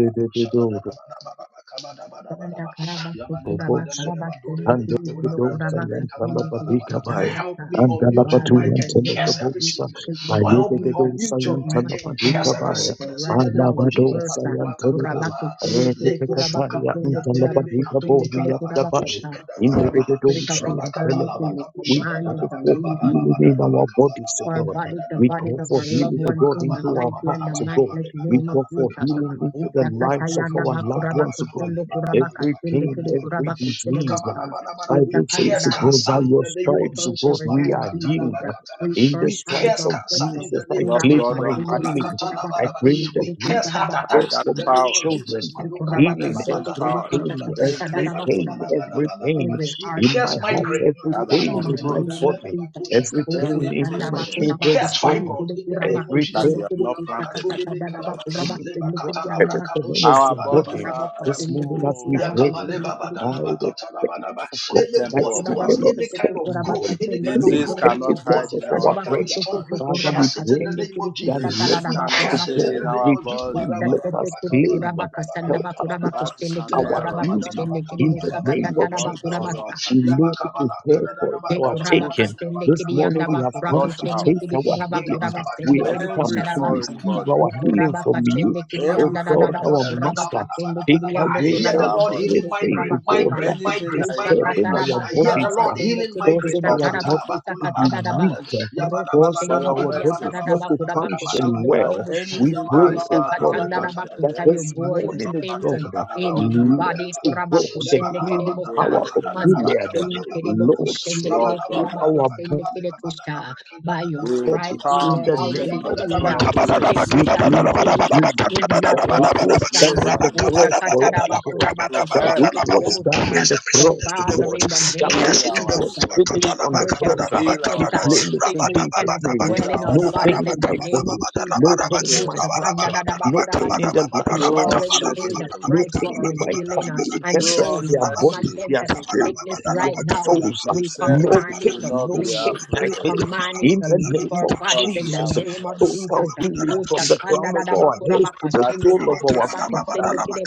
Banda karabasto kuraba Robosa, karabastende and kilibundo Elebedosa, kuraba and kastende kiliku Talabatica Baya, Help sarabasta. me and unmute your Father, mic Alabatu, in and the and name curse of every Telebosa, Jesus, sickness. sickness, Oh, help me disease uh, Ayedosa, unmute is your and mic not and of you, curse Talabatica every God. Baya, So sickness in right the now name of we Jesus. curse. Alabadosa, uh, Madula and Kuraba Telebe, katalaba. kustende kile Leko kuraba shuka Repetekataya, badi and kustende kuraba antelebe Talabatica kustende katuli kile Boria kadaba kuraba Dabai, katushe kusta. kadaba in the daba. Every spirit of Dosa, Raba and infirmity, katalaba Telebe. we kabusha We command call you to dadadaba for leave kabalaba healing in badalaba our bodies kabalaba to our God. bodies, the We badadadaba bodies call daba. of for our loved healing to ones Yaba God in the into kabalaba our mighty hearts and the badalaba to God. matchless kabaleba We name of call badalaba for Jesus. healing katalaba into yaba the koda lives of Usakatayanda our brakatalaba loved bakuraba daba ones to God kusundo kabaleba kuraba every badalaba kasinde pain, kede kabadaba daba. kuraba every kusede disease. bosa. Makabalaba daba daba. We Bible Usakanda says curse to raba. God, cancer by in your the name We of stripes, O curse God, Jesus. every we are Maluka diabetes. healed. talaba We In the curse we high curse stripes blood of cancer pressure. in the Jesus, I name Lord of Kuraba claim Jesus. God my kasinde Makola Almighty, kede healing. katana kuraba I baraba. kasinde claim that We kede you curse heart kusaraba. by God attacks that in for the my name power, of children, Jesus. Every Maloka heart that is healing madeba same badana every power that bakatola pain, ba. raised every Leba Jesus, koba pain, na ba na every ba na ba ba. pain We in my curse heart, filled migraine. every that Makosha are pain in in the katana my name uproot of bradana body, Jesus. bakosha every Oh, katana pain badura ba. in Kusanda my anything We Bakurabako children's curse send body, fibroid The in the name of Kurabako every that Jesus. pain. you Sende have not Makola planted bakato in Kusakata debe our kalaba. Dadabako bodies. Rabak Leba Sende katana Every Kurabako command brakadoshi is Our your kabadaba bodies body. are badana Kurabako ba. This Sende moment as we temple, pray, Kurabako Sende by Kurabako the Sende faith Yakabalebabadalabakatalabadaba. of the God, by temple Anybody of who has standing God. Kurabako on any Sende kind faith, of growth, Kurabako God, any Sende kind and of the Disease growth in cannot your hide effectiveness body in that of is our our prayer, becoming Kurabako body, Soko strong, Father. we Father, we cast Kurabaka it in pray the Sende name of that Jesus. let Disease We us cannot to cast it in stay in the God, Kurabako name our we of Jesus. body. let Utatete us claim, Marabarabakatalabalabadaba. Kuraba kasanda help us bakura to That is bakushende an kiri our error. kuraba healing kushende kiri in the busaka name of tatara Lord bakura Jesus. God Almighty, We know it is there for our Kuraba uproot, taking. kasende This kiri morning yanda we have bakura come flush to out kushende take kiri our kuraba healing. kuraba We sende have kiri come every kushara to basa. foreign receive body, our O healing kuraba from you, kasende kiri oh every yanda da da foreign God, da our bakura element baka Master. sende kiri Take yando I away hear in kuraba the our Lord body. kashire healing de everything, kuraba migraine, oh God, migraine, that kasama. is Anything migraine, that Kusha is not migraine. disturbing katara our planted, I bakura hear the bodies, baka Father, Lord uh, sende healing kiri migraine. causing kusha or our tara put bodies bakusa to be out katara of da our ba. Makatalabakulabatatadada. weak, body. uh, Roku For shende causing your our kiri word yanda says bodies da da not to bakura function bakushende that kiri well. busa. We anything that pray, you Usha oh have not katanda God, da planted, that bakusa anything your this boy, you your have not morning, sins oh planted and God, shall be in your let uprooted, body oh kuraba God, the kushende kiri healing thrown busa. into power of the Manda fire. Gilead, kiri kiri boku Lord, shende say Lord kiri through God, kuraba our kusende kiri kusha. By your we Lord, stripes it's we in come were the boldly name already to the of healed. throne of Jesus. grace, We Sickness and claim our disease uh, healing. is not That to our which ask for was done grace portion. on the and Usha mercy, cross for katada us, God. bakuraba to That help which in Rabakabalabadalabakabalabadalaba. kusekete the was kiri We time of done busa. on cast need. the every So cross, sickness to the Father, root. God. in the That name of Cast which Heal it to the our Jesus, was root. soul, we finished Makatalabakadadabakadadaba. on the birth every cross. uh, heal sickness, our We Rabadabadabakadadaba. uh, claim bodies, it in sickness Jesus' cannot name. heal dwell in our our No pain bodies spirit, in in O the my Lord. name of body. Jesus. No Rabakabalabadalabaraba. pain in Oh, Show my us mercy. heart. uh, No pain in the lives You of Show my us already paid children. mercy, the O Lord. No price for pain our in my healing, uh, family and Rabalabadalabakabadabadalabakabalabadalabakabalabadalaba. Through members, so us Let it die, let it die, we their come bodies, mercy, against their every let spirit, sickness their right now. souls. you We said No we command it pain, should to not no be flee. pain, I afraid We claim command it in to the leave name our of bodies because in you the are Jesus. with name of us. Jesus. Total healing Oh, from the crown of our heads to the That is sole what of you our said. feet.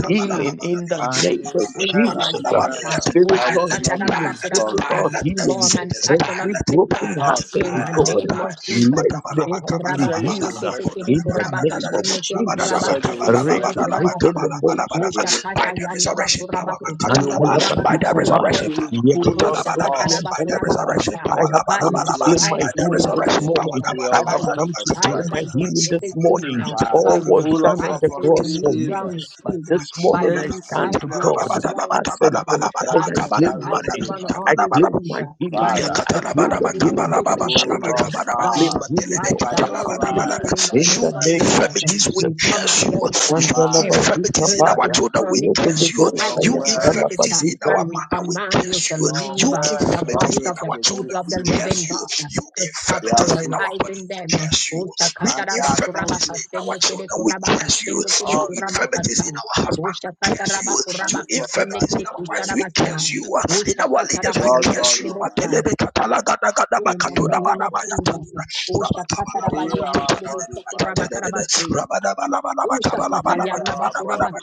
Healing in the And name you of said we as come Jesus. against well uh, that we Spiritual should not be healing, it discouraged die, physical Utakandadadabakurabasa, let every healing. form and sickness die, fashion of Every let it die, sickness broken uh, let because it you in die, hearted are the let our it God, name die. of God. Jesus. let uh, the heart You be said you will healed strengthen us. in the name of You Jesus. said you will strengthen us Ukurabakushikitikirikurabakashendekitikurabasekitikirikurabasa, and you will By help. the resurrection power. You Katalaba, will, by the Antalapatikabaya, resurrection you will Ushakatayandabakurabakusundukurabakusundubusha, power. pull us Katalabadaba, up By the yebedebedoyantalababa. resurrection Ushakatadabakurabakasa. power, I have By come with your to Labalabalaba, your claim stripes, by my we the are healing victory, this already resurrection healed. power, morning. uh, I your Gabalaba, By have your come Kolaba, to righteous stripes, claim right my and hand. just Katanadadada, healing this this is healed. morning. uh, Father, By All your was pull done us on stripes, up the from your cross any new for me. ground is illness. But healed. uh, this by morning your I Any stand stripes, to the God organ sickness Kabalabadadadada, blind as a Kabalabadadadada, fever. Kabalabadadadada, daughter that By and I is your claim stripes, the Kabalabadadadada, mine. challenging one us, I only Kabalabadadadada, claim my fever. By healing. Father, your I claim stripes, the we will healing for meet my with pull children. fever. us I By your claim out. You healing said for stripes, by my I'm your already family. stripes, healed in by the your In you name the of stripes name we of are Jesus. infirmities, healed. we Jesus. We come curse you. against uh, You every Father, infirmities in spirit of our Antalapatikabaya. children, we I claim infirmity. my curse you. And your we You healing. curse it uh, words, infirmities in our and we mother, we command you curse to you. your leave You uh, the words infirmities bodies always in of the our produce people children, of we the fruit. living curse you. God uh, You to stop They are infirmities in fruitful our body, terrorizing we them. uh, curse you. We and they infirmities Ushakatarabakurabakas, in our accomplish children, we curse you. You all you want to infirmities sendekedekurabakashendekedekurabakasa. in do. our husband, curse Ushakataraba you. And they kuraba You kusende prosper infirmities In our families, everywhere. we kusharabasa. curse you. In our leaders, Ushakataraba we Lord yende curse God you. We Almighty, besa. In the heal our name of body. Jesus. Ushakataraba Heal yende our body, besa kuraba Father. karabase. Ushakata Heal yanda our bakuraba body.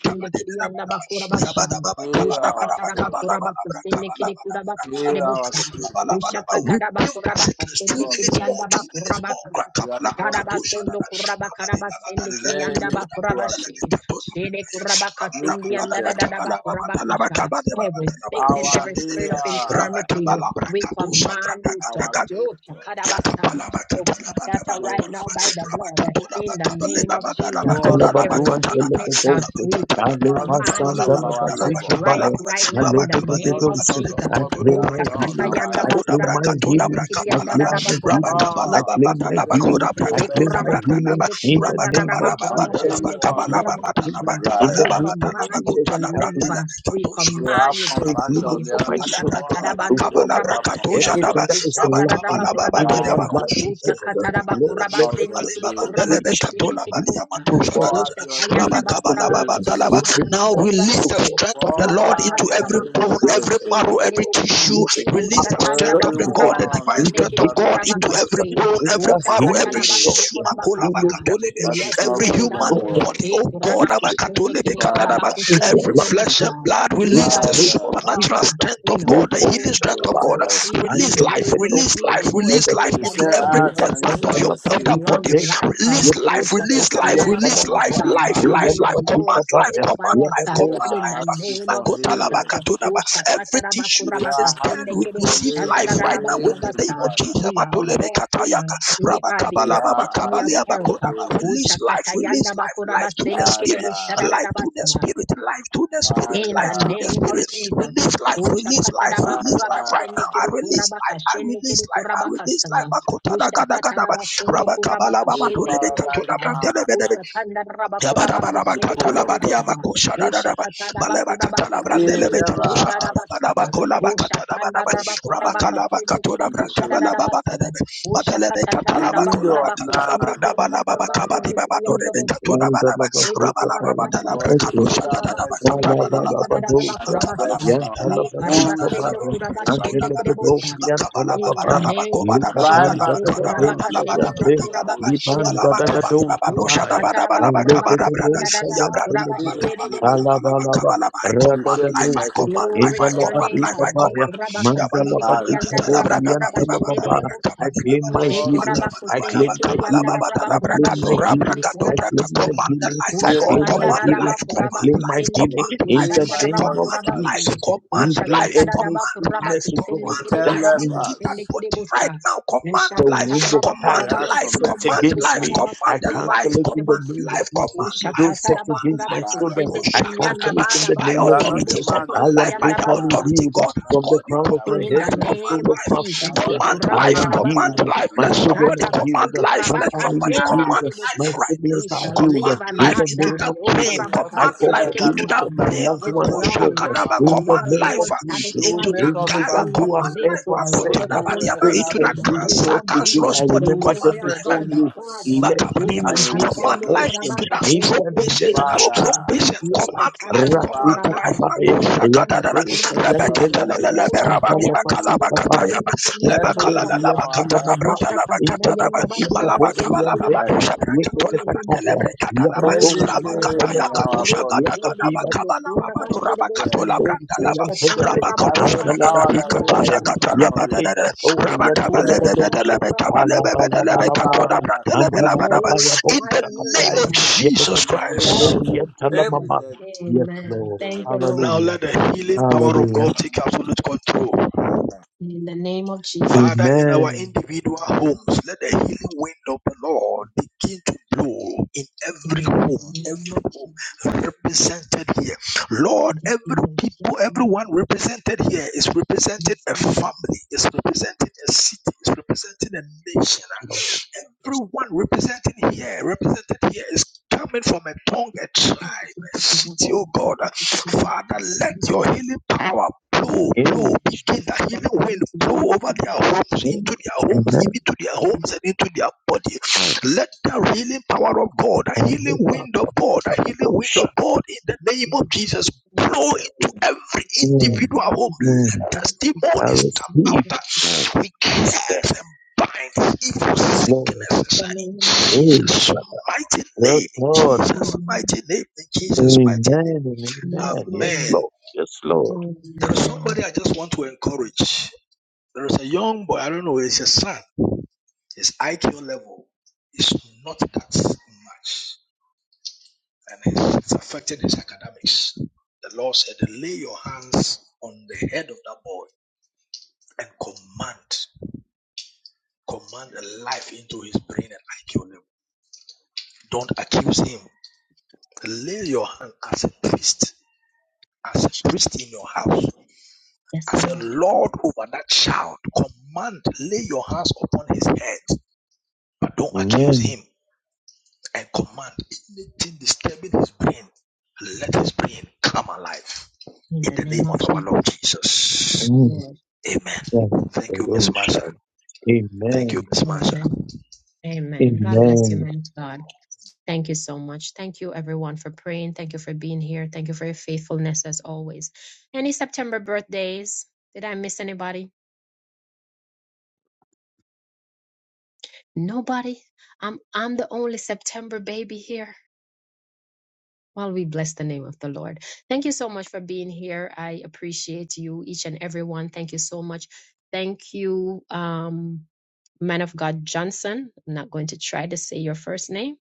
Heal our Ushakataraba soul. kuraba kusende kiri Heal our spirit. Ushakataraba build our kuraba sickness. Two kasende Show us minutes that more. yanda Two minutes bakuraba. you are the God. of- Shadabasondo kuraba karaba sende Is there kiyanda anything you bakuraba are shi. more. Shede kuraba Rabba you kasendi anda created? da da da bakuraba kusha. Every sickness, Our every spirit healer, of our infirmity, we command you to do creator. shakadabasa. To scatter Show right us. now by the blood in the name of Jesus. Show us Every mercy. sickness, uh, we Rabba Not command because Kabala of you our to labor, dry up right now in the name not of because of Jesus. what we have done, Utakata our yanda I effort, claim bakuraba my kusende healing. I kiyanda da but da claim my bakuraba healing. shi. I because claim you my say you will healing. show I We claim my mercy healing command in the name of on Jesus. I anyone claim that my you healing in the desire. name of you Jesus. to I leave. We You have command you to Redeem compassion it flee. on for my children, anyone who oh Ushakatarabando God. chooses to have kurabaka sende compassion. kiri Everything that is kushandaraba lacking Baba in kurabasa. our Daba Father, life, Kush oh God. Ushakataraba Lord, kuraba let call it now sende be for release kiri a healing. kurabaka the reach and shende kiri heal, bosta. oh God. Pour out your Heal healing Ushakayandaba us, oh kurabaku God. sende We grace. kiri yandaba restore us, oh kurabasa. God. strength to of the Pour fire, Lord out into oh your every Ushakataraba God. we bone, healing kurabaka every grace, Restore O sende marrow, us, Lord. oh kiri every God. bosta. to tissue. Glory, Release the our For strength Ushakandaba of strength, the oh God, God. the kurabaka everyone divine on In sende this the strength of kiri name of God platform into kurabaka Jesus, every shende. bone, bring every that us is marrow, every healing, God. healed, tissue, Healing that we that lost, is Yes, not every Lord feeling human oh God. well. body. Oh God, God every Father, into your life, flesh and oh God. blood We In release the shall the be name of Father, strong supernatural Jesus, uh, I strength in of we our God, the hope healing old strength show of days, us uh, God. Shadabaya mercy. if and we Release were life, even, Telebeto release and life, even more release Telebe life so You than into say, when and every we ask were Leva dead and you part shall of Santa younger, your of with receive. that Batita body. longer Tena. life. Release um, You life, say, Yebuteto release life, and seek release and you Talabama, life, shall Ushakatarabakubabasa. life, find. life, Will life. the Lord Rijalabatuta Command life, Baya, command satisfy us life, uh, We command Yabados in life. are the asking name of for healing. Jesus? Every tissue We that are is dead we asking for receive living life right now with the healing, name Ushakatarabakurabakusendekereboshandadadadabakurabasa. of Father. Jesus. We are walking. uh, we are the We are epitome of asking health. for healing. Release life, Ushakatayanda release life, life to the bakurabasende spirit, kerebosha Father, life to dadadabasa. the spirit, life to the spirit, In life the to Father, the name of spirit. Jesus. Release life, release life, release life Father, right now. I release life, I release life, I release life. Makotana gada gada ba. Rabakabala you baba turebe paralyzed man katuna at the pool of blessing. He never asked for it, but you found it and you healed it. The window of man never ran, and Ushakatarabakurabakashendekidikurabakashendekidibusa. Ede Tandalavatuta kuraba karaba but you stelle Tayan. kede showed that kuraba kustude kede mercy bosta da da da ba and Balabalabadosa, a kuraba sa. dead son, E karaba only Yantalabazika son. stelle Baya, kuraba came back. stelle bosta. In the Antelepedobriantalababa, name of Blind Jesus, e kuraba Bartimaeus, ka Lipatandadadosa son stelle of kede Yante, Rabala kuraba you, ka shede holy bosta. mercy, Libandadadoka Usha Baya, kataraba kuraba Alabakabalibabadosha-dabadabalabakamadabrada. kusanda da Anlededosa da ba and kuraba Yantelebe, shede immediately bosta. Alabalaba, Yabrandalabakabalabalabalabakabalaba. I you command showed him life, I mercy Radadadosa, command and life, Glory I he to your recovered. command name, life, Indalabadika God. I Eh, Baya, kurabaka command. sende Father, kiriyanda Mandalabadika show us raba kuraba shedede de de Boriantalababa. bosa. I claim Yabalabalabakatalabrakababibabadabrakabadibabada. my She Show us healing. mercy, kurabako I Father. sende claim my kiriyanda healing. raba I kuraba claim Show my me shende healing. kiri mercy. I kuraba Makabalabalabakamalababatalabrakadorabrakadobrakad. claim my kasta. Command the healing. life I of Heal Usha God, my claim my body. kanda command Lord. healing. raba life, I kuraba command claim my life, kusende healing kiri command in life, Heal the kushanda my name raba of body, command kuraba Father. sende. Jesus. Usha Even life, command life, kata any raba command kuraba life, sickness, oh kusende The God, command kiri ten that's life kuraba in into that kushende lepers, kiri body right bosa. now, command Usha the life. kata womb of raba they Command time kuraba asked for life, set kusende mercy, command kiri against life, kushanda me. raba command I and kuraba you life, cancel gave it them in the kusende command mercy. name of life, Jesus. command life, Don't set Ushakatara command bakura against my life. Father, children. bakusende Mako I kidiyanda cancel shakadaba. it in bada the By basu name you of are not a authority, Jesus. uroboshe man kiri that command I you life. am could By kiyanda the basa. totally lie. authority healed God You are has from not the called a you, crown man of that my command In head will the life, to forget. the command name sole of of life, my You are Jesus, feet. not eh, a command I life, am man command healed. that kurabakarabasu, you life. could My Let repent. children somebody are command shatabasu healed. life. My Let Just family somebody is kurabakatende healed. command ask My life kedebosha. right siblings we are that shall you healed. Command live and In life the not into die. name that of Oh, brain. And Jesus, he I also Command call kurabakatende life for said to, that to healing that for my kedebosha. after we brain. have loved With a ones suffered to a long God. little life, Makoshakadaba. we while, In the Command Lord name life of Lord ah, you Jesus, will into satisfied. make that us We cara. anyone who perfect. has will Command live life to ever our said, You rightful will Makotadabadiaba, pray age into for in that establish the us. me, name cancer, Lord, of today. Jesus, cancerous I to body. the You will remember Command glory them of life. uh, before strengthen God the you. Father. us Let Oh, and healing you be will their Command shatarabando settle life us. portion into that in kurabakasende stroke the patient, name that of Father, stroke kedekurabasa. patient. Jesus. Yes, Command Satanda life, command Rafita Father, life. Bakurabaka, kabai, send the Makoshakadadada. yabadosa let Kidianda us yantelebe, experience Roshka settlement, Tayanda Bakura antalapazita bai, Bastendi Kirianda Bakura settlement yabadori in Basta. our health, O antalamama, Lord. Misha Katada Yanda Let Bakura us intalabadika Bastendi bori receive divine Kiribusta health. Katara yeketekataya, Yendusta. Rosha yabadosa Anything Tayanda in Baku our body Rote Kede yantelebe, Kino Kura that Basti is de Bosta. dead, Misha Tanda that Rabakura same Bastendi power that Kiria raised Jesus from the, In from the the dead, Misha Tara Bakura Basti let that power be We activated glorify your name, name of God. Jesus and wake up Christ. Thank you, every Jesus. dead Yes, Amen. Lord. thing Thank in you, our Now body. Lord. Hallelujah. let the healing Jesus' power of Hallelujah. God mighty take absolute name. control. In the name of Father, Jesus. in our Amen. individual homes, let the healing wind of the Lord begin to blow in every In the home, name every of Jesus. home represented here. Lord, Yes, every Lord. people, Yes, everyone represented here is representing Yes, a family, is representing a city, is representing a nation. Lord. Yes, Everyone representing here, represented here, is coming from a tongue, a tribe, a city, Lord. oh God. Father, let your healing power blow, blow, Amen. begin the healing wind, blow over their homes, Amen. into their homes, Amen. even to their homes and into their body. Let the healing power of God, the healing wind of God, the healing wind of Angalabadosha. God in the name of Jesus blow into every Mm. individual home. Mm. Let I testimonies come out. receive. We Yes, Lord. cast and bind evil Yes, sicknesses Lord. in Jesus' mighty Yes, name. In Lord. Jesus' mighty name. In Jesus' Amen mighty name. and Yes, amen. Yes, Amen. Lord. Yes, Lord. There is Amen. somebody I just want to encourage. There is a young boy, I don't know, it's a son. His IQ level is not that much. And it's, it's affecting his academics. The Lord said, lay your hands on the head of that boy and command, command a life into his brain and IQ level. Don't accuse him. Lay your hand as a priest, as a priest in your house, Yes, as a Lord. lord over that child. Command, lay your hands upon his head, but don't accuse Amen. him. And command anything disturbing his brain, let his brain come alive. In In the the name name of of our Lord Jesus. Yes, Jesus. Amen. Lord. Amen. Thank you, Miss Marsha. Revolution. Thank you, Amen. Miss Marsha. Amen. Amen. God bless you, Amen. man. God. Thank you so much. Thank you, everyone, for praying. Thank you for being here. Thank you for your faithfulness as always. Any September birthdays? Did I miss anybody? Nobody. I'm I'm the only September baby here. While we bless the name of the Lord. Thank you so much for being here. I appreciate you, each and every one. Thank you so much. Thank you. Um, man of God Johnson. I'm not going to try to say your first name.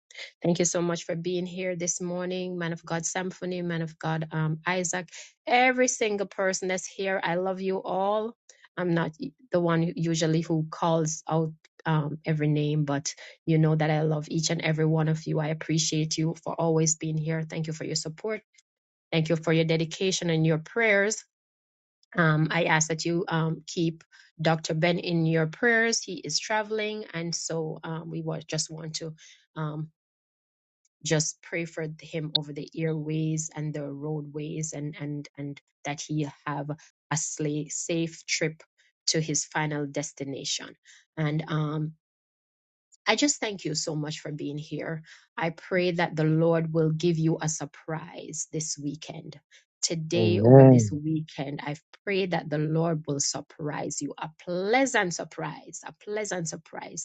Thank you so much for being here this morning, man of God Symphony, man of God um, Isaac, every single person that's here. I love you all. I'm not the one who- usually who calls out um, every name, but you know that I love each and every one of you. I appreciate you for always being here. Thank you for your support. Thank you for your dedication and your prayers. Um, I ask that you um, keep Dr. Ben in your prayers. He is traveling, and so um, we wa- just want to um, just pray for him over the airways and the roadways, and and and that he have a sla- safe trip to his final destination. And um, I just thank you so much for being here. I pray that the Lord will give you a surprise this weekend. Today, over this Amen. weekend, I pray that the Lord will surprise you a pleasant surprise, a pleasant surprise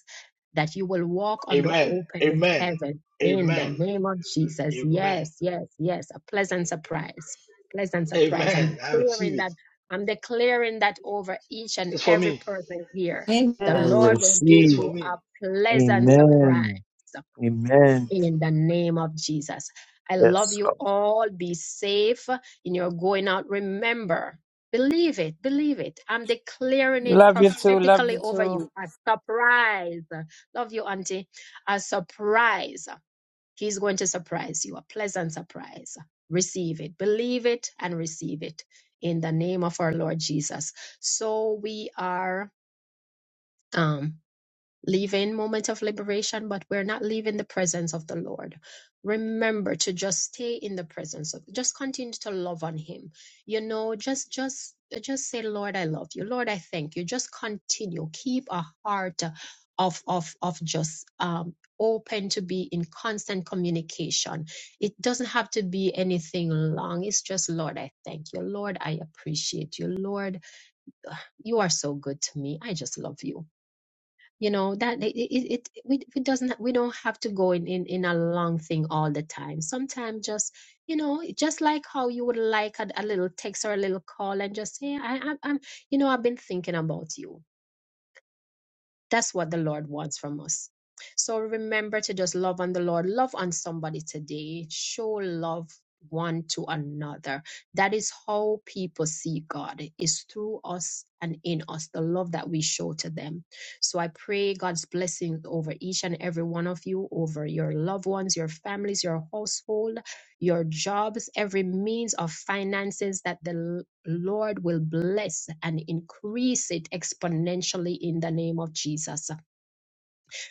that you will walk under Amen. open Amen. heaven in the Amen. name of Jesus. Amen. Yes, yes, yes. A pleasant surprise. Pleasant surprise. I'm Amen. I receive declaring it. that. I'm declaring that over each and It's for every me. person here. The I Lord will give It's receive. for you me. a pleasant surprise. Amen. A Amen. in the name of Jesus. I love Yes, you Lord. all. Be safe in your going out. Remember, believe it, believe it. I'm declaring it Love you too. Love prophetically you over too. you. A surprise. Love you, Auntie. A surprise. He's going to surprise you. A pleasant surprise. Receive it. Believe it and receive it in the name of our Lord Jesus. So we are. Um, leaving moment of liberation, but we're not leaving the presence of the Lord. Remember to just stay in the presence of just continue to love on him. You know, just just just say, Lord, I love you. Lord, I thank you. Just continue. Keep a heart of of of just um open to be in constant communication. It doesn't have to be anything long. It's just Lord, I thank you. Lord, I appreciate you. Lord, you are so good to me. I just love you you know that it, it, it we it doesn't we don't have to go in, in in a long thing all the time sometimes just you know just like how you would like a, a little text or a little call and just say I, I i'm I'm- you know i've been thinking about you that's what the Lord wants from us. So remember to just love on the Lord, love on somebody today, show love one to another. That is how people see God, is through us and in us, the love that we show to them. So I pray God's blessings over each and every one of you, over your loved ones, your families, your household your jobs, every means of finances that the L- Lord will bless and increase it exponentially in the name of Jesus.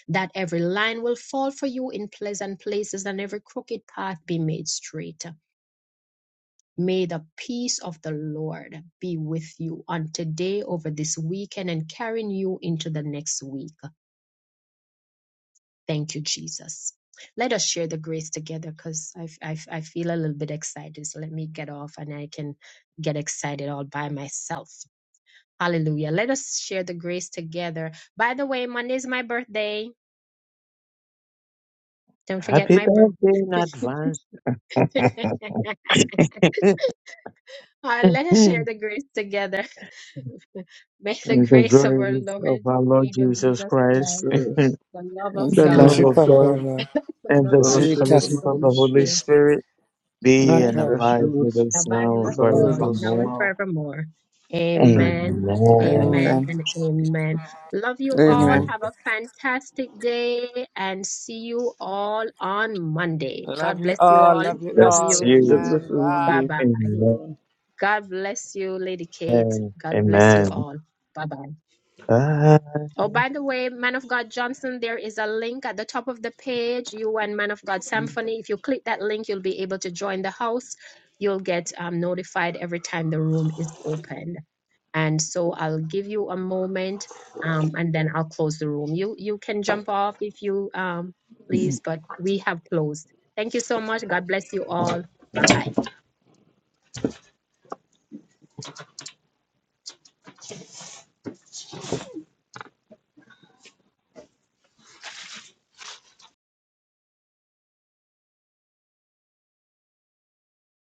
That every line will fall for you in pleasant places and every crooked path be made straight. May the peace of the Lord be with you on today, over this weekend, and carrying you into the next week. Thank you, Jesus. Let us share the grace together because I I I feel a little bit excited. So let me get off and I can get excited all by myself. Hallelujah. Let us share the grace together. By the way, Monday is my birthday. Don't forget Happy my birthday in birthday. advance. <laughs> Uh, <laughs> let us share the grace together. <laughs> May the May the grace of our grace Lord and of our Lord Savior Jesus Jesus Christ, Christ, Spirit, the love <laughs> of And the she in the God, love she love of of God, prefer God, and and the the sweet fellowship fellowship of of fellowship the us. the of the Holy Holy Holy Spirit Spirit, Spirit be Not rest and her. rest, abide root, with us abide now with and us abide with all, us now forevermore. and now. forevermore. Amen. Amen, Amen. amen, Amen. and amen. Love you all. Amen. Amen. Have a fantastic day and see you all on Monday. Love God you bless you all. all. Love you Love Let's all. you. hear Let you. the Amen. Son of Bye Bye. you. bye. Amen. God bless you, Lady Kate. God bless you Amen. all. Bye bye. Bye. Oh, by the way, Man of God Johnson, there is a link at the top of the page. You and Man of God Symphony. If you click that link, you'll be able to join the house. You'll get um, notified every time the room is open. And so I'll give you a moment, um, and then I'll close the room. You you can jump off if you um, please, but we have closed. Thank you so much. God bless you all. Bye bye.